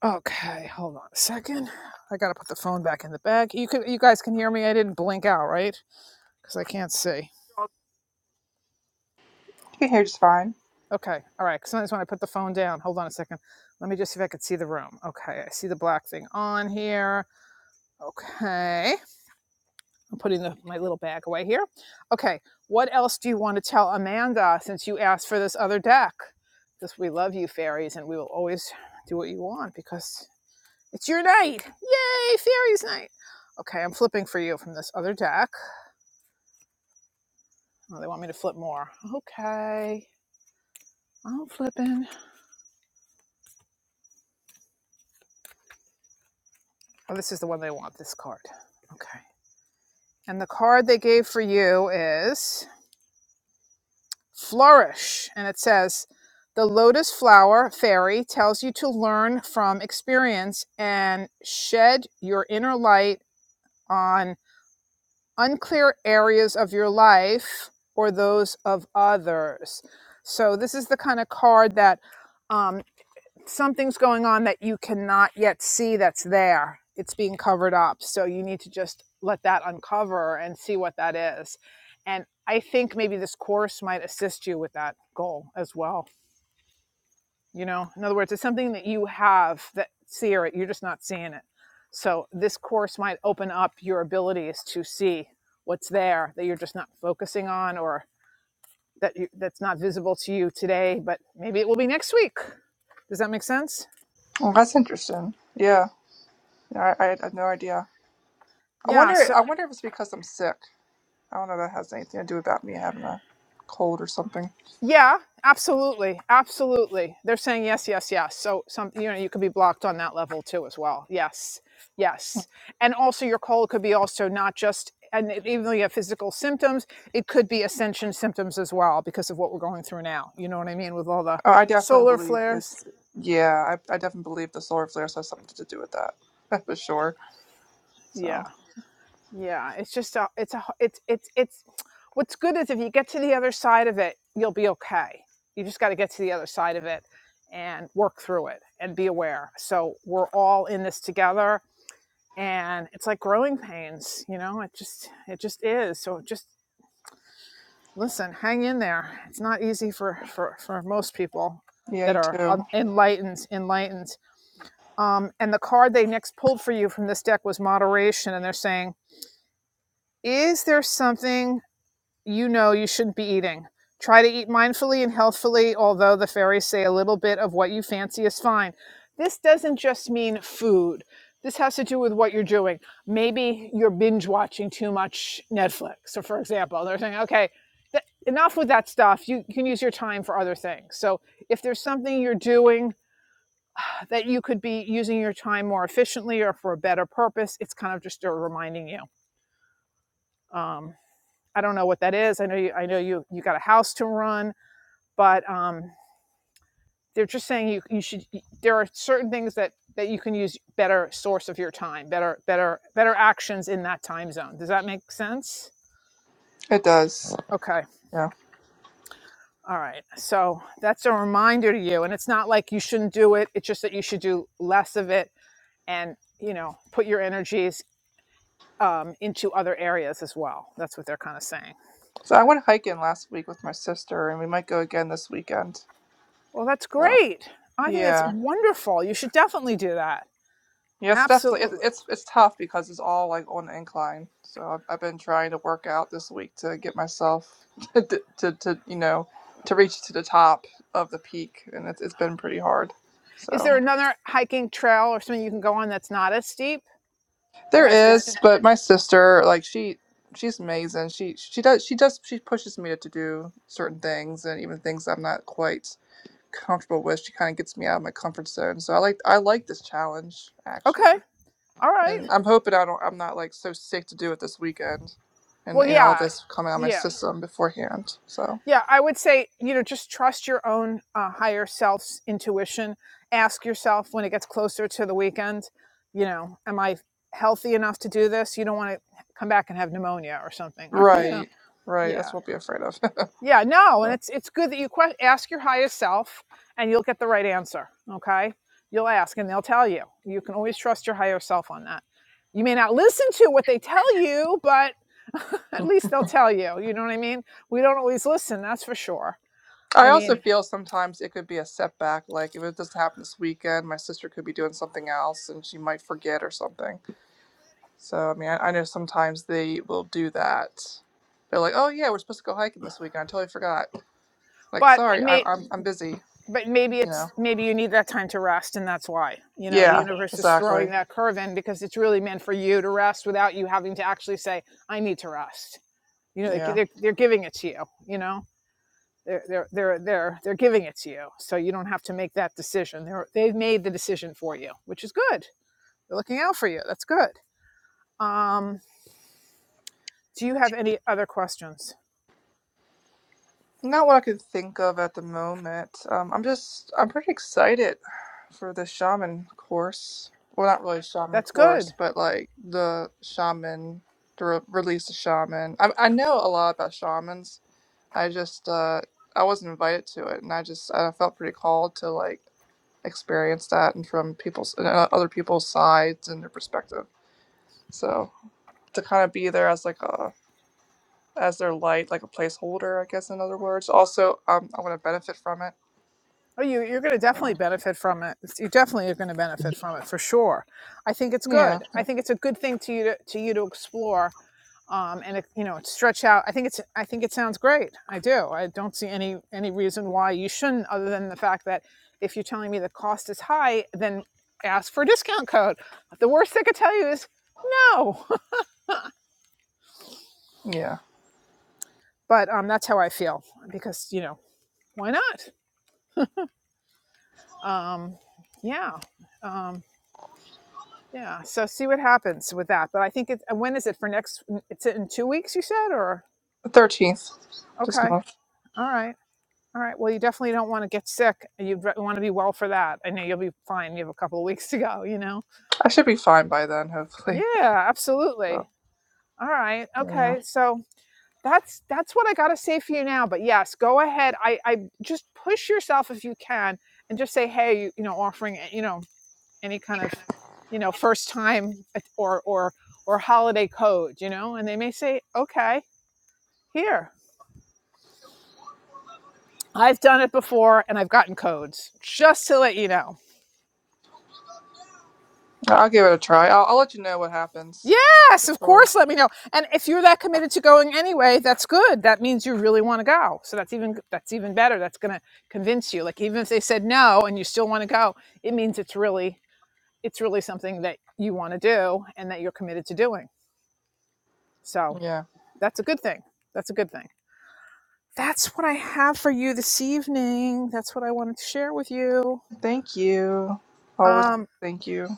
Speaker 1: Okay, hold on a second. I gotta put the phone back in the bag. You could. You guys can hear me. I didn't blink out, right? Because I can't see.
Speaker 10: You can hear just fine.
Speaker 1: Okay. All right. Sometimes when I put the phone down, hold on a second. Let me just see if I could see the room. Okay, I see the black thing on here. Okay. I'm putting the, my little bag away here. Okay. What else do you want to tell Amanda since you asked for this other deck? Just we love you, fairies, and we will always do what you want because it's your night. Yay, fairies night. Okay, I'm flipping for you from this other deck. Oh, they want me to flip more. Okay. I'm flipping. Oh, this is the one they want, this card. Okay. And the card they gave for you is flourish. And it says, the lotus flower fairy tells you to learn from experience and shed your inner light on unclear areas of your life or those of others. So, this is the kind of card that. um, something's going on that you cannot yet see that's there. It's being covered up. So you need to just let that uncover and see what that is. And I think maybe this course might assist you with that goal as well. You know, in other words, it's something that you have that see it, you're just not seeing it. So this course might open up your abilities to see what's there that you're just not focusing on or that you, that's not visible to you today, but maybe it will be next week. Does that make sense?
Speaker 10: Well, that's interesting. Yeah. Yeah, I, I had no idea. I
Speaker 1: Yeah.
Speaker 10: wonder.
Speaker 1: So.
Speaker 10: I wonder if it's because I'm sick. I don't know. if That has anything to do about me having a cold or something.
Speaker 1: Yeah, absolutely, absolutely. They're saying yes, yes, yes. So some, you know, you could be blocked on that level too as well. Yes, yes. And also, your cold could be also not just, and it- even though you have physical symptoms, it could be ascension symptoms as well because of what we're going through now. You know what I mean with all the
Speaker 10: Oh, I definitely
Speaker 1: solar
Speaker 10: believe
Speaker 1: flares.
Speaker 10: it's. Yeah. I I definitely believe the solar flares have something to do with that. For
Speaker 1: Yeah,
Speaker 10: sure.
Speaker 1: yeah.
Speaker 10: So.
Speaker 1: Yeah, it's just a, it's a, it's, it's, it's, what's good is if you get to the other side of it, you'll be okay. You just got to get to the other side of it and work through it and be aware. So we're all in this together and it's like growing pains, you know, it just, it just is. So just listen, hang in there. It's not easy for, for, for most people
Speaker 10: Yeah.
Speaker 1: that
Speaker 10: You
Speaker 1: are
Speaker 10: too.
Speaker 1: um, enlightened, enlightened. Um, and the card they next pulled for you from this deck was moderation. And they're saying, is there something you know you shouldn't be eating. Try to eat mindfully and healthfully, although the fairies say a little bit of what you fancy is fine. This doesn't just mean food. This has to do with what you're doing. Maybe you're binge watching too much Netflix. So, for example, they're saying, okay, th- enough with that stuff. You, you can use your time for other things. So, if there's something you're doing that you could be using your time more efficiently or for a better purpose, it's kind of just a reminding you. Um, I don't know what that is. I know you, I know you, you got a house to run, but um, they're just saying you, you should. There are certain things that that you can use better source of your time, better, better, better actions in that time zone. Does that make sense?
Speaker 10: It does.
Speaker 1: Okay.
Speaker 10: Yeah.
Speaker 1: All right. So that's a reminder to you, and it's not like you shouldn't do it. It's just that you should do less of it, and you know, put your energies um, into other areas as well. That's what they're kind of saying.
Speaker 10: So I went hiking last week with my sister, and we might go again this weekend.
Speaker 1: Well, that's
Speaker 10: So.
Speaker 1: great. I think that's
Speaker 10: Yeah.
Speaker 1: wonderful. You should definitely do that.
Speaker 10: Yeah, it's definitely it,
Speaker 1: Absolutely.
Speaker 10: it's it's tough because it's all like on the incline. So I've, I've been trying to work out this week to get myself to to, to you know to reach to the top of the peak, and it's it's been pretty hard.
Speaker 1: Is there
Speaker 10: So
Speaker 1: another hiking trail or something you can go on that's not as steep that
Speaker 10: there
Speaker 1: has
Speaker 10: is,
Speaker 1: distance?
Speaker 10: but my sister like she she's amazing. She she does she does she pushes me to do certain things and even things I'm not quite comfortable with. She kind of gets me out of my comfort zone. So I like I like this challenge actually.
Speaker 1: Okay. All right.
Speaker 10: and I'm hoping I don't I'm not like so sick to do it this weekend, and
Speaker 1: Well,
Speaker 10: you know all
Speaker 1: yeah.
Speaker 10: this coming out of my
Speaker 1: Yeah.
Speaker 10: system beforehand. So
Speaker 1: Yeah. I would say, you know, just trust your own uh, higher self's intuition. Ask yourself when it gets closer to the weekend, you know, am I healthy enough to do this? You don't want to come back and have pneumonia or something. yeah.
Speaker 10: right, right,
Speaker 1: Yeah.
Speaker 10: that's what I'll be afraid of.
Speaker 1: Yeah, no, and
Speaker 10: Yeah.
Speaker 1: it's it's good that you que- ask your highest self, and you'll get the right answer. Okay, you'll ask, and they'll tell you. You can always trust your higher self on that. You may not listen to what they tell you, but at least they'll tell you. You know what I mean? We don't always listen, that's for sure.
Speaker 10: I
Speaker 1: I
Speaker 10: also
Speaker 1: mean,
Speaker 10: feel sometimes it could be a setback. Like if it doesn't happen this weekend, my sister could be doing something else and she might forget or something. So I mean, I, I know sometimes they will do that. They're like, "Oh yeah, we're supposed to go hiking this weekend. I totally forgot." Like,
Speaker 1: but it
Speaker 10: sorry, I,
Speaker 1: may,
Speaker 10: I'm I'm busy.
Speaker 1: but maybe
Speaker 10: You know?
Speaker 1: it's maybe you need that time to rest, and that's why you know the
Speaker 10: Yeah,
Speaker 1: universe is throwing
Speaker 10: exactly.
Speaker 1: that curve in because it's really meant for you to rest without you having to actually say, "I need to rest." You know,
Speaker 10: Yeah.
Speaker 1: they, they're they're giving it to you. You know They're they're they're they're they're giving it to you, so you don't have to make that decision. They're they've made the decision for you, which is good. They're looking out for you. That's good. Um, do you have any other questions?
Speaker 10: Not what I could think of at the moment. Um, I'm just, I'm pretty excited for the shaman course. Well, not really shaman
Speaker 1: That's good.
Speaker 10: course, but like the shaman, the re- release of shaman. I, I know a lot about shamans. I just, uh, I wasn't invited to it, and I just, I felt pretty called to like experience that and from people's, uh, other people's sides and their perspective. So to kind of be there as like a, as their light, like a placeholder, I guess, in other words. Also, um, I want to benefit from it
Speaker 1: Oh, you you're going to definitely
Speaker 10: Oh.
Speaker 1: benefit from it. You definitely are going to benefit from it for sure. I think it's
Speaker 10: Yeah,
Speaker 1: good. I
Speaker 10: yeah.
Speaker 1: think it's a good thing to you to, to you to explore um, and it, you know stretch out. I think it's I think it sounds great. I do. I don't see any any reason why you shouldn't, other than the fact that if you're telling me the cost is high, then ask for a discount code. The worst they could tell you is no.
Speaker 10: yeah.
Speaker 1: but um, that's how I feel because you know why not? Um, yeah. Um, yeah, so see what happens with that. But I think it, when is it for next? It's in two weeks, you said, or
Speaker 10: The thirteenth this
Speaker 1: okay,
Speaker 10: month.
Speaker 1: all right. All right. Well, you definitely don't want to get sick. You want to be well for that. I know you'll be fine. You have a couple of weeks to go, you know?
Speaker 10: I should be fine by then, hopefully.
Speaker 1: Yeah,
Speaker 10: So
Speaker 1: absolutely. All right.
Speaker 10: yeah,
Speaker 1: Okay. So that's that's what I got to say for you now. But yes, go ahead. I, I just push yourself if you can and just say, hey, you, you know, offering, you know, any kind of, you know, first time or, or, or holiday code, you know? And they may say, okay, here, I've done it before and I've gotten codes just to let you know.
Speaker 10: I'll give it a try. I'll, I'll let you know what happens
Speaker 1: Yes, of
Speaker 10: for
Speaker 1: course. Let me know. And if you're that committed to going anyway, that's good. That means you really want to go. So that's even that's even better. That's going to convince you. Like even if they said no and you still want to go, it means it's really it's really something that you want to do and that you're committed to doing.
Speaker 10: sure.
Speaker 1: So
Speaker 10: Yeah.
Speaker 1: that's a good thing. That's a good thing. That's what I have for you this evening. That's what I wanted to share with you.
Speaker 10: Thank you. Always
Speaker 1: Um,
Speaker 10: thank you.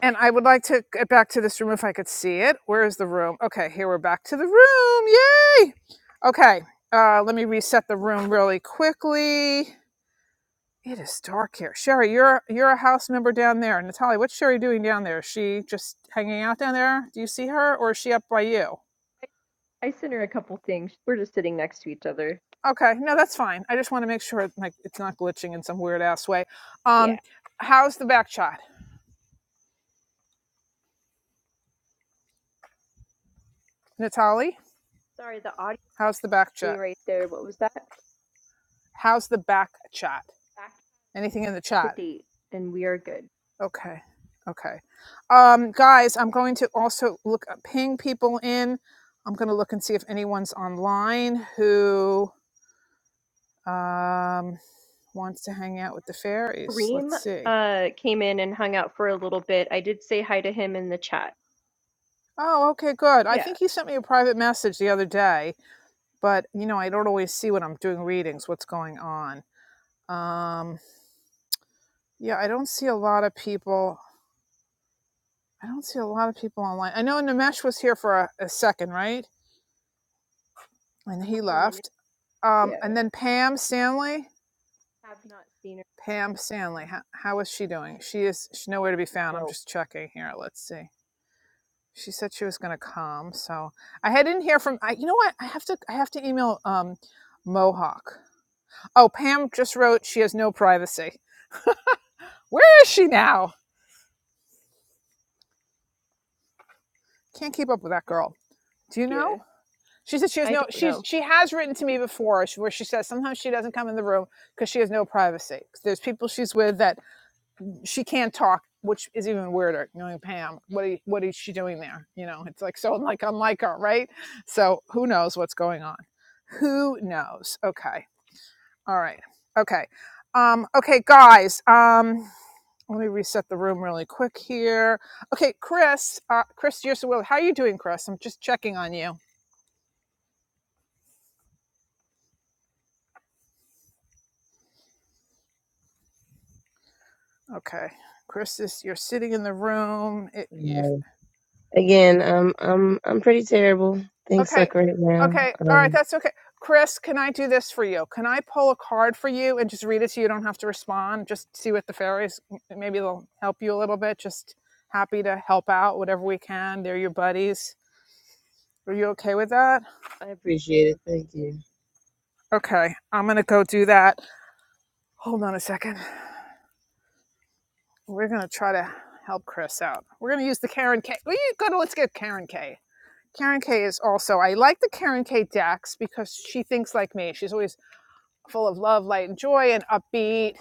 Speaker 1: And I would like to get back to this room if I could see it. Where is the room? Okay, here we're back to the room. Yay! Okay, uh, let me reset the room really quickly. It is dark here. Sherry, you're you're a house member down there. Natalia, what's Sherry doing down there? Is she just hanging out down there? Do you see her, or is she up by you?
Speaker 2: I sent her a couple things. We're just sitting next to each other.
Speaker 1: Okay, no, that's fine. I just want to make sure like it's not glitching in some weird ass way.
Speaker 2: Yeah.
Speaker 1: Um, how's the back chat, Natalie?
Speaker 2: Sorry, the audio
Speaker 1: How's the back
Speaker 2: me
Speaker 1: chat?
Speaker 2: right there. What was that?
Speaker 1: How's the back chat?
Speaker 2: Back
Speaker 1: Anything in the
Speaker 2: to
Speaker 1: chat?
Speaker 2: date, and we are good.
Speaker 1: Okay. Okay. Um, guys, I'm going to also look uh, ping people in. I'm going to look and see if anyone's online who um, wants to hang out with the fairies.
Speaker 2: Kareem
Speaker 1: Let's see.
Speaker 2: uh, came in and hung out for a little bit. I did say hi to him in the chat.
Speaker 1: Oh, okay, good. I
Speaker 2: Yeah.
Speaker 1: think he sent me a private message the other day, but you know, I don't always see when I'm doing readings what's going on. Um, yeah, I don't see a lot of people. I don't see a lot of people online. I know Nimesh was here for a, a second, right? And
Speaker 2: A
Speaker 1: he
Speaker 2: couple of minutes.
Speaker 1: left. Um,
Speaker 2: Yeah.
Speaker 1: and then Pam Stanley.
Speaker 2: I Have not seen her.
Speaker 1: Pam Stanley, how, how is she doing? She is she's nowhere to be found. I'm
Speaker 2: No.
Speaker 1: just checking here. Let's see. She said she was going to come, so I had didn't hear from. I, you know what? I have to I have to email um, Mohawk. Oh, Pam just wrote she has no privacy. Where is she now? Can't keep up with that girl. Do you
Speaker 2: Yeah.
Speaker 1: know? She said she has
Speaker 2: I
Speaker 1: no.
Speaker 2: don't
Speaker 1: She's
Speaker 2: know.
Speaker 1: she has written to me before, where she says sometimes she doesn't come in the room because she has no privacy. There's people she's with that she can't talk, which is even weirder. Knowing Pam, what are what is she doing there? You know, it's like so like unlike her, right? So who knows what's going on? Who knows? Okay, all right, okay, um, okay, guys. Um, let me reset the room really quick here. Okay, Chris, uh, Chris, you're so well. How are you doing, Chris? I'm just checking on you. Okay, Chris, is, you're sitting in the room. It, you,
Speaker 9: Uh, again, um, I'm I'm pretty terrible. Things
Speaker 1: Okay.
Speaker 9: suck right now.
Speaker 1: Okay. All right.
Speaker 9: Um,
Speaker 1: That's okay. Chris, can I do this for you? Can I pull a card for you and just read it so you don't have to respond? Just see what the fairies, maybe they'll help you a little bit. Just happy to help out whatever we can. They're your buddies. Are you okay with that?
Speaker 9: I appreciate it. Thank you.
Speaker 1: Okay. I'm going to go do that. Hold on a second. We're going to try to help Chris out. We're going to use the Karen K. We go to, let's get Karen K. Karen K is also, I like the Karen K decks because she thinks like me. She's always full of love, light, and joy and upbeat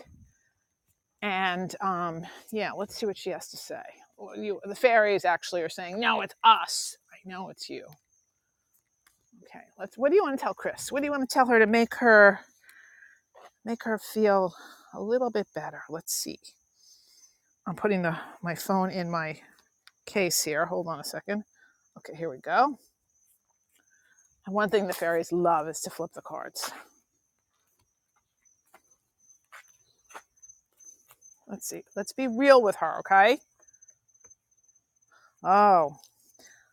Speaker 1: And um, yeah, let's see what she has to say. Well, You, the fairies actually are saying, no, it's us. I know it's you. Okay, let's. What do you want to tell Chris? What do you want to tell her to make her make her feel a little bit better? Let's see. I'm putting the my phone in my case here. Hold on a second. Okay, here we go. And one thing the fairies love is to flip the cards. Let's see. Let's be real with her, okay? Oh,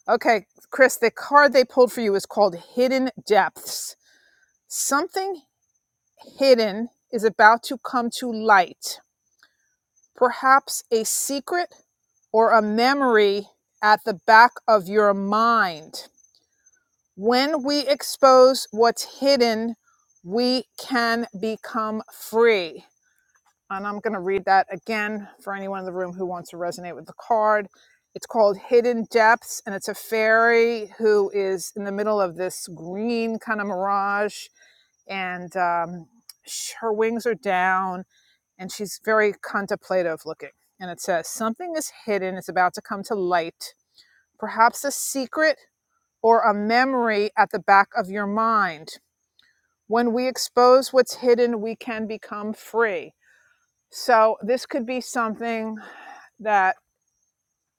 Speaker 1: okay, Chris. The card they pulled for you is called Hidden Depths. Something hidden is about to come to light. Perhaps a secret or a memory at the back of your mind. When we expose what's hidden, we can become free. And I'm going to read that again for anyone in the room who wants to resonate with the card. It's called Hidden Depths, and it's a fairy who is in the middle of this green kind of mirage, and um, her wings are down and she's very contemplative looking. And it says, Something is hidden, it's about to come to light, perhaps a secret or a memory at the back of your mind. When we expose what's hidden, we can become free. So, this could be something that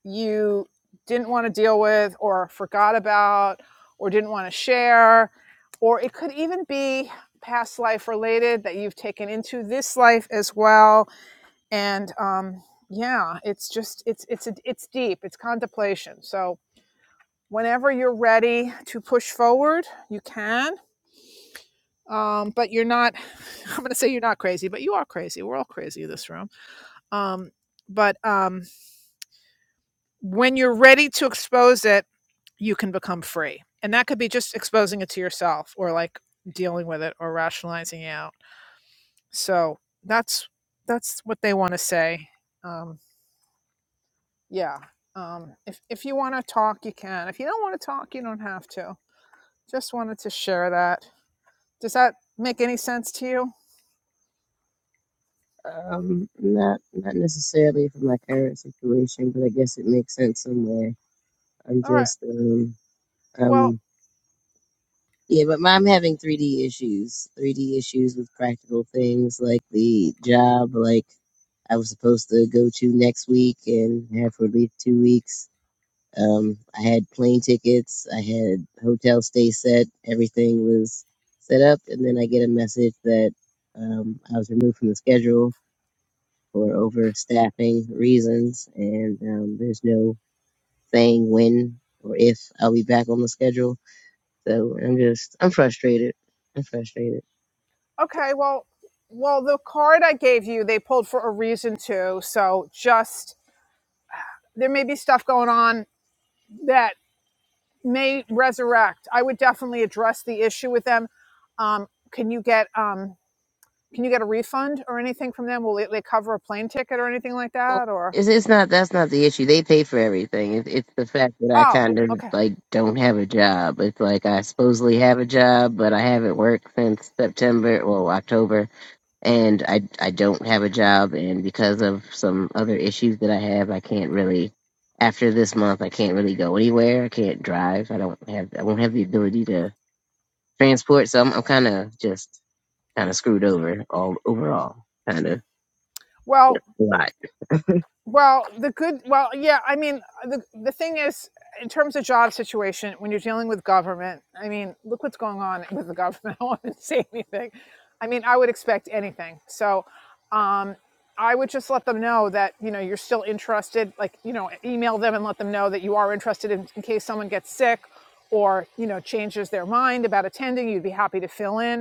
Speaker 1: you didn't want to deal with, or forgot about, or didn't want to share, or it could even be past life related that you've taken into this life as well and um, yeah it's just it's it's a, it's deep it's contemplation so whenever you're ready to push forward you can um, but you're not i'm going to say you're not crazy but you are crazy we're all crazy in this room um, but um, when you're ready to expose it you can become free and that could be just exposing it to yourself or like dealing with it or rationalizing it out so that's that's what they want to say Um, yeah um if if you want to talk you can if you don't want to talk you don't have to just wanted to share that does that make any sense to you
Speaker 9: Um, not not necessarily for my current situation, but I guess it makes sense somewhere. I'm
Speaker 1: all right
Speaker 9: just um
Speaker 1: well
Speaker 9: um yeah, but I'm having 3D issues. 3D issues with practical things like the job, like I was supposed to go to next week and have for at least two weeks. Um, I had plane tickets, I had hotel stay set, everything was set up, and then I get a message that um I was removed from the schedule for overstaffing reasons, and um, there's no saying when or if I'll be back on the schedule. So I'm just, I'm frustrated. I'm frustrated.
Speaker 1: okay well well the card i gave you they pulled for a reason too so just there may be stuff going on that may resurrect i would definitely address the issue with them um can you get um can you get a refund or anything from them will they they cover a plane ticket or anything like
Speaker 9: Well,
Speaker 1: that or
Speaker 9: it's, it's not, that's not the issue. They pay for everything. It, it's the fact that I
Speaker 1: oh
Speaker 9: kind of
Speaker 1: okay
Speaker 9: like don't have a job. It's like I supposedly have a job, but I haven't worked since September, well, October and I I don't have a job, and because of some other issues that I have, I can't really. After this month, I can't really go anywhere. I can't drive. I don't have. I won't have the ability to transport. So I'm, I'm kind of just kind of screwed over all overall, kind of
Speaker 1: well
Speaker 9: a lot.
Speaker 1: Well, the good, well, yeah, I mean, the, the thing is, in terms of job situation, when you're dealing with government, I mean, look what's going on with the government. I won't say anything. I mean, I would expect anything. So, um, I would just let them know that, you know, you're still interested, like, you know, email them and let them know that you are interested in, in case someone gets sick or, you know, changes their mind about attending, you'd be happy to fill in.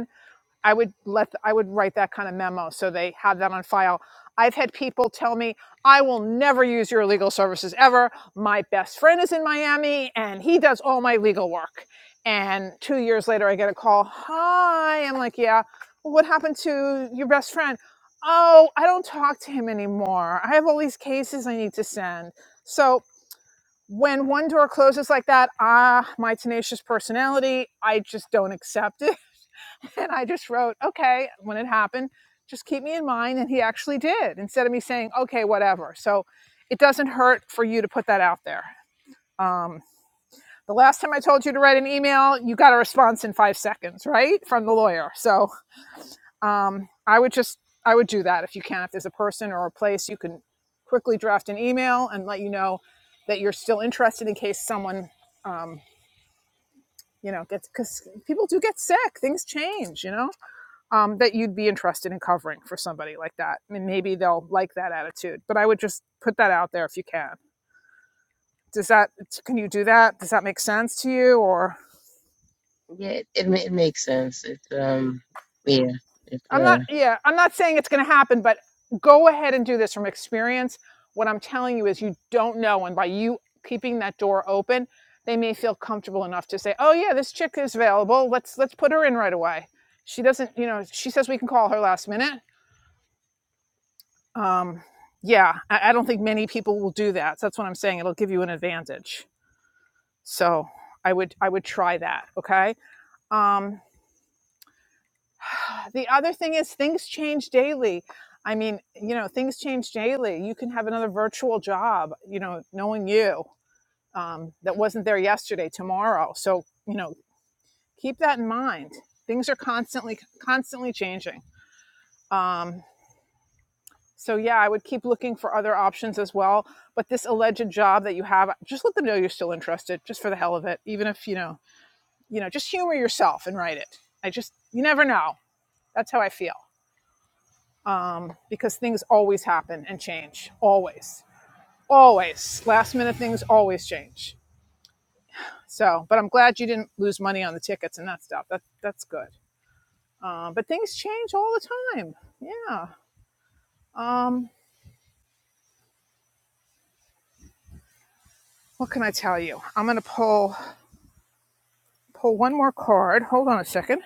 Speaker 1: I would let I would write that kind of memo so they have that on file. I've had people tell me, "I will never use your legal services ever. My best friend is in Miami and he does all my legal work." And 2 years later I get a call, "Hi." I'm like, "Yeah. well, What happened to your best friend?" "Oh, I don't talk to him anymore. I have all these cases I need to send." So when one door closes like that, ah, my tenacious personality, I just don't accept it. And I just wrote, okay, when it happened, just keep me in mind. And he actually did instead of me saying, okay, whatever. So it doesn't hurt for you to put that out there. Um, the last time I told you to write an email, you got a response in five seconds, right? From the lawyer. So um, I would just, I would do that if you can. If there's a person or a place, you can quickly draft an email and let you know that you're still interested in case someone, um, you know, gets, because people do get sick, things change, you know? um, that you'd be interested in covering for somebody like that. I mean, maybe they'll like that attitude. But I would just put that out there if you can. Does that can you do that? Does that make sense to you? Or
Speaker 9: Yeah, it, it ma- it makes sense. It's um yeah it's
Speaker 1: I'm
Speaker 9: uh
Speaker 1: not. Yeah, I'm not saying it's going to happen, but go ahead and do this from experience. What I'm telling you is you don't know, and by you keeping that door open, they may feel comfortable enough to say, "Oh yeah, this chick is available. Let's let's put her in right away." She doesn't, you know, she says we can call her last minute Um, yeah, I, I don't think many people will do that. So that's what I'm saying. It'll give you an advantage. So I would I would try that. Okay. Um, the other thing is things change daily. I mean, you know, things change daily. You can have another virtual job. You know, knowing you um, that wasn't there yesterday, tomorrow. So you know, keep that in mind. Things are constantly constantly changing. Um, So yeah, I would keep looking for other options as well. But this alleged job that you have, just let them know you're still interested, just for the hell of it. Even if you know, you know, just humor yourself and write it. I just, you never know. That's how I feel. Um, because things always happen and change, always, always. Last minute things always change. So, but I'm glad you didn't lose money on the tickets and that stuff. That that's good. Um, but things change all the time. Yeah. Um, what can I tell you? I'm gonna pull pull one more card. Hold on a second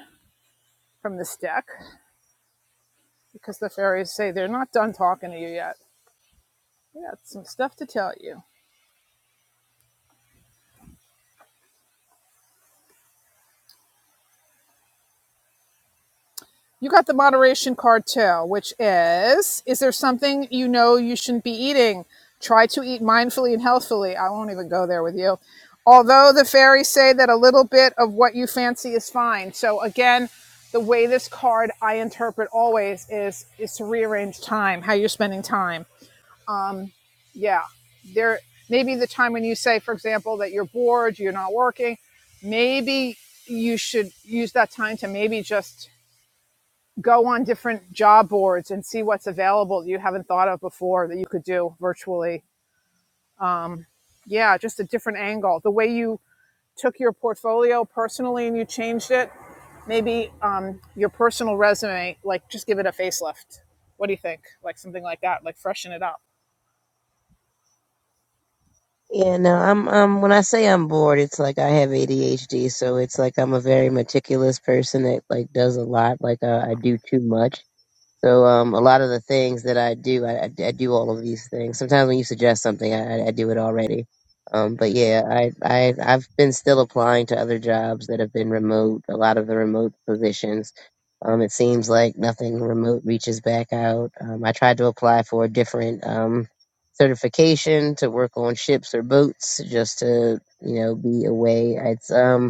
Speaker 1: from this deck because the fairies say they're not done talking to you yet. We got some stuff to tell you. You got the moderation card too, which is Is there something you know you shouldn't be eating? Try to eat mindfully and healthfully. I won't even go there with you. Although the fairies say that a little bit of what you fancy is fine. So, again, the way this card I interpret always is is to rearrange time, how you're spending time yeah there maybe the time when you say for example that you're bored you're not working maybe you should use that time to maybe just go on different job boards and see what's available that you haven't thought of before that you could do virtually yeah just a different angle the way you took your portfolio personally and you changed it maybe um, your personal resume like just give it a facelift what do you think like something like that like freshen it up
Speaker 9: yeah no I'm um when I say I'm bored, it's like I have ADHD, so it's like I'm a very meticulous person that like does a lot. Like uh, I do too much So um, a lot of the things that I do, I, I, I do all of these things. Sometimes when you suggest something, I, I I do it already. Um, but yeah, I, I I've been still applying to other jobs that have been remote. A lot of the remote positions. Um, it seems like nothing remote reaches back out. Um, I tried to apply for a different um, certification to work on ships or boats, just to you know be away. It's um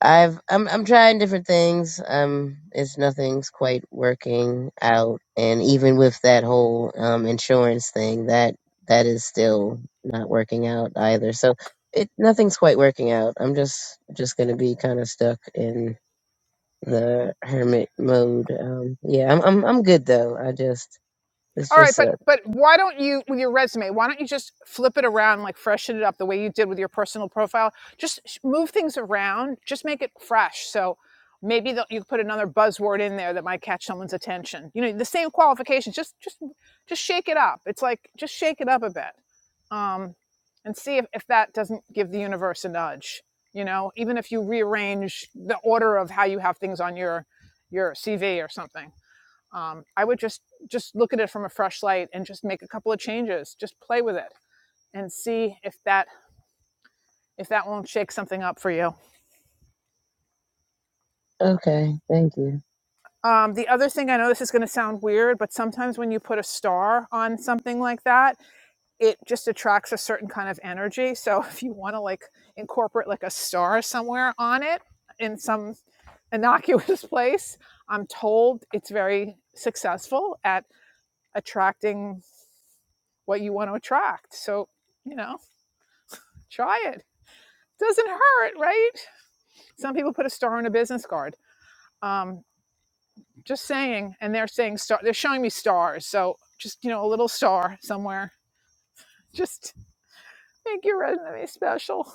Speaker 9: I've I'm I'm trying different things. Um, it's nothing's quite working out, and even with that whole um insurance thing, that that is still not working out either. So it nothing's quite working out. I'm just just gonna be kind of stuck in the hermit mode. Um, yeah, I'm I'm I'm good though. I just this
Speaker 1: All right,
Speaker 9: just
Speaker 1: but
Speaker 9: sucks.
Speaker 1: but why don't you with your resume? Why don't you just flip it around, like freshen it up the way you did with your personal profile? Just sh- move things around. Just make it fresh. So maybe they'll- you could put another buzzword in there that might catch someone's attention. You know, the same qualifications. Just just just shake it up. It's like just shake it up a bit, um, and see if, if that doesn't give the universe a nudge. You know, even if you rearrange the order of how you have things on your your CV or something um, i would just just look at it from a fresh light and just make a couple of changes just play with it and see if that if that won't shake something up for you
Speaker 9: Okay, thank you,
Speaker 1: um, the other thing i know this is going to sound weird but sometimes when you put a star on something like that it just attracts a certain kind of energy so if you want to like incorporate like a star somewhere on it in some innocuous place i'm told it's very successful at attracting what you want to attract so you know try it doesn't hurt, right? Some people put a star on a business card. Um, just saying, and they're saying star. They're showing me stars, so just you know, a little star somewhere. Just make your resume special.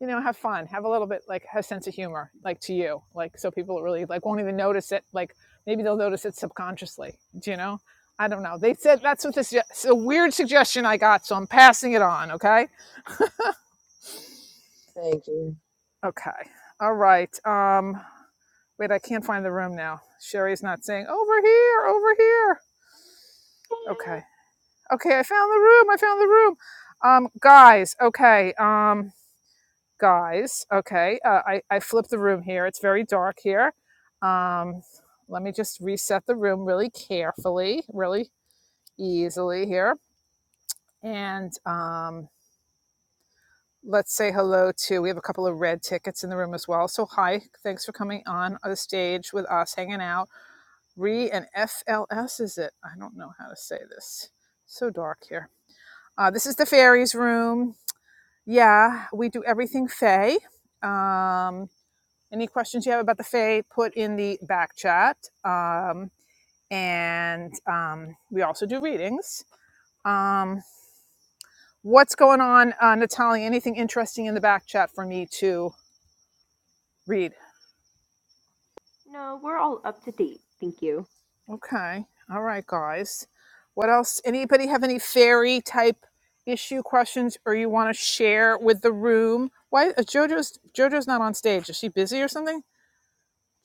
Speaker 1: You know, have fun, have a little bit like have a sense of humor, like to you, like so people really like won't even notice it. Like maybe they'll notice it subconsciously. Do you know? I don't know. They said that's what this it's a weird suggestion I got, so I'm passing it on. Okay.
Speaker 9: thank you.
Speaker 1: Okay. All right. Um, Wait, I can't find the room now. Sherry's not saying over here, over here. Okay. Okay, I found the room. I found the room. Um, guys, okay. Um, guys, okay. Uh, I, I flipped the room here. It's very dark here. Um, let me just reset the room really carefully, really easily here. And um, let's say hello to, we have a couple of red tickets in the room as well. So, hi, thanks for coming on the stage with us, hanging out. Re and FLS is it? I don't know how to say this. So dark here. Uh, this is the fairies room. Yeah, we do everything Fae. Um, any questions you have about the Fae, put in the back chat. Um, and um, we also do readings. Um, what's going on, uh, Natalia? Anything interesting in the back chat for me to read?
Speaker 2: No, we're all up to date. Thank you.
Speaker 1: Okay. All right, guys. What else? Anybody have any fairy type issue questions or you want to share with the room? Why uh, Jojo's Jojo's not on stage. Is she busy or something?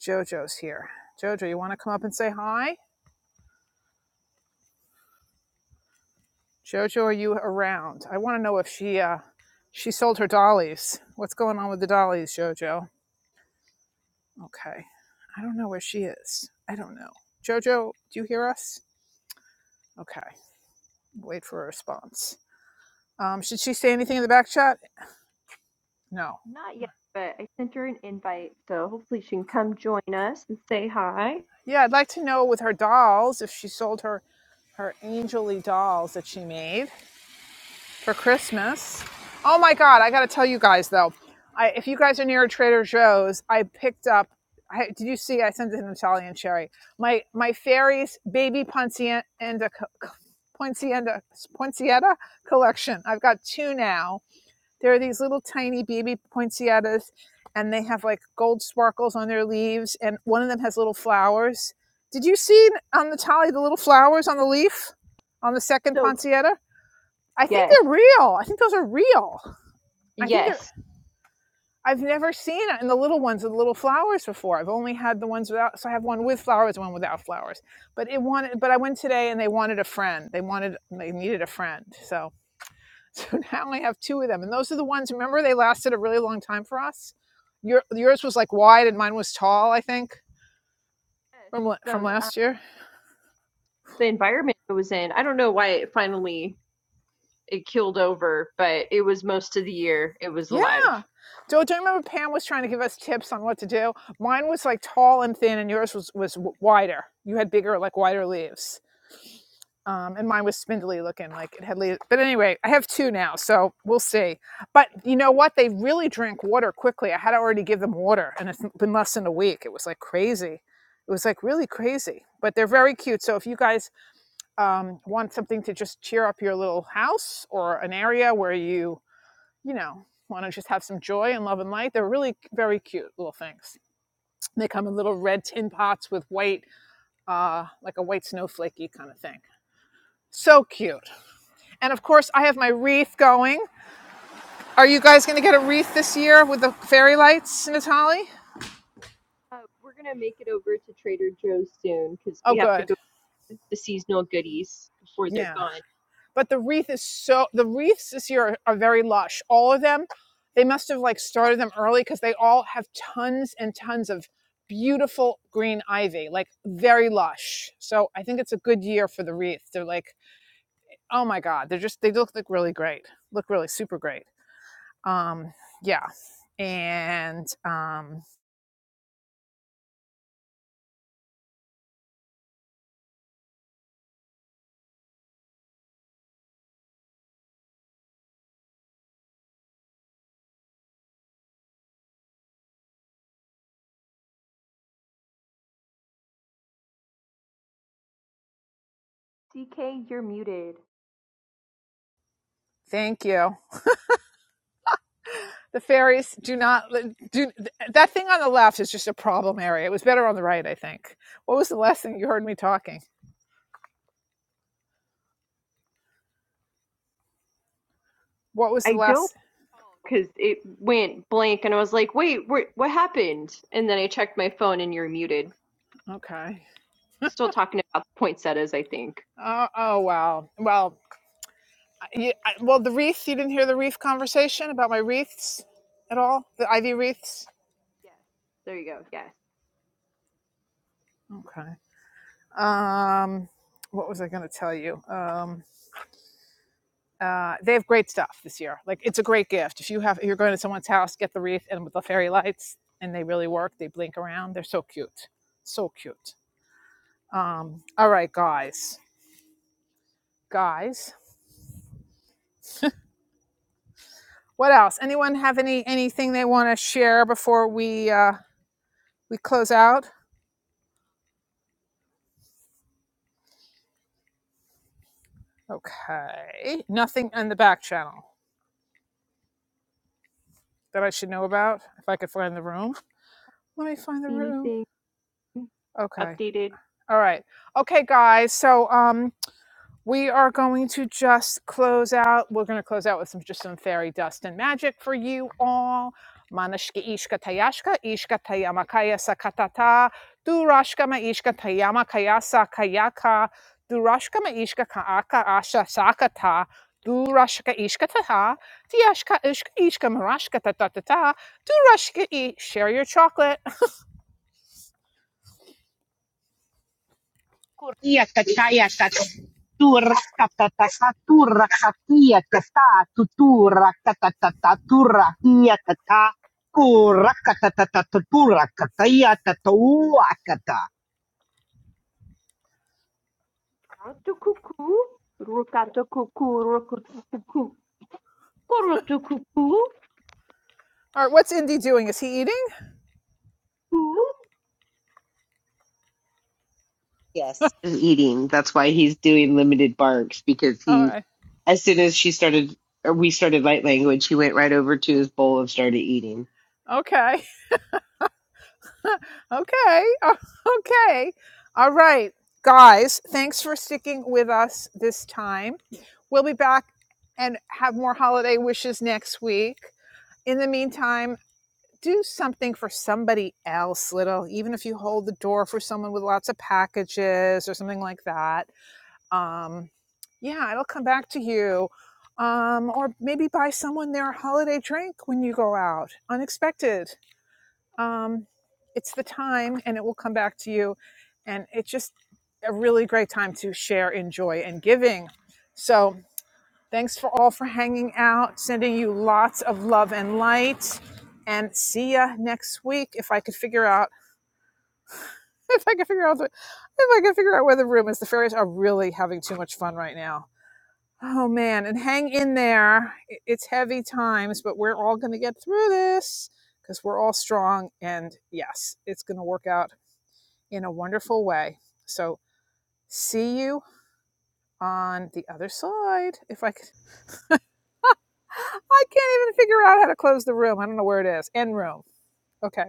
Speaker 1: Jojo's here. Jojo, you want to come up and say hi? Jojo, are you around? I want to know if she uh she sold her dollies. What's going on with the dollies, Jojo? Okay. I don't know where she is. I don't know. Jojo, do you hear us? Okay. Wait for a response. Um, should she say anything in the back chat? No.
Speaker 2: Not yet, but I sent her an invite, so hopefully she can come join us and say hi.
Speaker 1: Yeah, I'd like to know with her dolls if she sold her her angelly dolls that she made for Christmas. Oh my God! I got to tell you guys though, I, if you guys are near a Trader Joe's, I picked up. I, did you see? I sent it to Natalia and Sherry. My my fairies baby poinsettia poinsettia poinsettia collection. I've got two now There are these little tiny baby poinsettias, and they have like gold sparkles on their leaves, and one of them has little flowers. Did you see on the tally the little flowers on the leaf on the second
Speaker 2: So cu-
Speaker 1: poinsettia? I think
Speaker 2: yes,
Speaker 1: they're real. I think those are real. I think they're.
Speaker 2: yes.
Speaker 1: I've never seen it in the little ones with the little flowers before. I've only had the ones without. So I have one with flowers, one without flowers. But it wanted. But I went today, and they wanted a friend. They wanted. They needed a friend. So So now I have two of them, and those are the ones. Remember, they lasted a really long time for us. Your yours was like wide, and mine was tall. I think
Speaker 2: yes.
Speaker 1: from from
Speaker 2: So um,
Speaker 1: last year.
Speaker 2: the environment it was in, I don't know why it finally it keeled over, but it was most of the year it was alive.
Speaker 1: Yeah. Do, do you remember Pam was trying to give us tips on what to do? Mine was like tall and thin, and yours was was wider. You had bigger, like wider leaves. um, and mine was spindly looking like it had leaves. But anyway, I have two now, so we'll see. But you know what? They really drink water quickly. I had to already give them water, and it's been less than a week. It was like crazy. It was like really crazy. But they're very cute. So if you guys um, want something to just cheer up your little house or an area where you, you know, want to just have some joy and love and light, they're really very cute little things. They come in little red tin pots with white, uh, like a white snowflakey kind of thing. So cute. And of course, I have my wreath going. Are you guys going to get a wreath this year with the fairy lights, Natali?
Speaker 2: Uh, we're gonna make it over to Trader Joe's soon because
Speaker 1: Oh,
Speaker 2: we have to
Speaker 1: good.
Speaker 2: go get the seasonal goodies before they're
Speaker 1: Yeah.
Speaker 2: gone.
Speaker 1: But the wreath is so, the wreaths this year are, are very lush. All of them, they must have like started them early because they all have tons and tons of beautiful green ivy, like very lush. So I think it's a good year for the wreath. They're like, oh my God, they're just, they look like really great, look really super great. Um, yeah. And um,
Speaker 2: DK, you're muted.
Speaker 1: thank you. The ferries do not do that thing on the left is just a problem area. It was better on the right, I think. What was the last thing you heard me talking? What was the
Speaker 2: I don't
Speaker 1: last?
Speaker 2: because it went blank and I was like, wait, what, what happened? And then I checked my phone and you're muted.
Speaker 1: Okay.
Speaker 2: Still talking about poinsettias, I think.
Speaker 1: Uh oh wow. Well, I, I, well, the wreath. You didn't hear the wreath conversation about my wreaths at all. The ivy wreaths.
Speaker 2: Yes. There you go. Yes.
Speaker 1: Okay. Um, what was I going to tell you? Um. uh, they have great stuff this year. Like it's a great gift. If you have, if you're going to someone's house, get the wreath and with the fairy lights, and they really work. They blink around. They're so cute, so cute. Um, all right, guys, guys. What else? Anyone have any anything they want to share before we uh, we close out? Okay, nothing on the back channel that I should know about. If I could find the room, let me find the
Speaker 2: See
Speaker 1: room.
Speaker 2: anything?
Speaker 1: Okay,
Speaker 2: updated
Speaker 1: all right, okay, guys. So um, We are going to just close out. We're going to close out with some just some fairy dust and magic for you all. Manashka ishka tayashka ishka tayama kaya sakatata durashka ma ishka tayama kaya sakayaka durashka ma ishka kaaka asha sakata durashka ishka taha tiashka ishka ishka marashka tatatata durashka e share your chocolate.
Speaker 2: Rotokuku, Rokatokuku, Rokotokuku, Korotokuku,
Speaker 1: All right, what's Indy doing? Is he eating?
Speaker 3: Is eating. That's why he's doing limited barks because
Speaker 1: All
Speaker 3: he,
Speaker 1: right,
Speaker 3: as soon as she started, or we started light language, he went right over to his bowl and started eating.
Speaker 1: okay. okay. Okay. All right. Guys, thanks for sticking with us this time. We'll be back and have more holiday wishes next week. In the meantime, do something for somebody else, little, even if you hold the door for someone with lots of packages or something like that. Um, yeah, it'll come back to you. Um, or maybe buy someone their holiday drink when you go out. Unexpected um, it's the time and it will come back to you and it's just a really great time to share enjoy and giving so thanks for all for hanging out sending you lots of love and light and see ya next week if i could figure out if i could figure out the, if i could figure out where the room is the fairies are really having too much fun right now oh man and hang in there It- it's heavy times but we're all going to get through this because we're all strong and yes it's going to work out in a wonderful way. So, see you on the other side. If I could, I can't even figure out how to close the room. I don't know where it is. End room. Okay.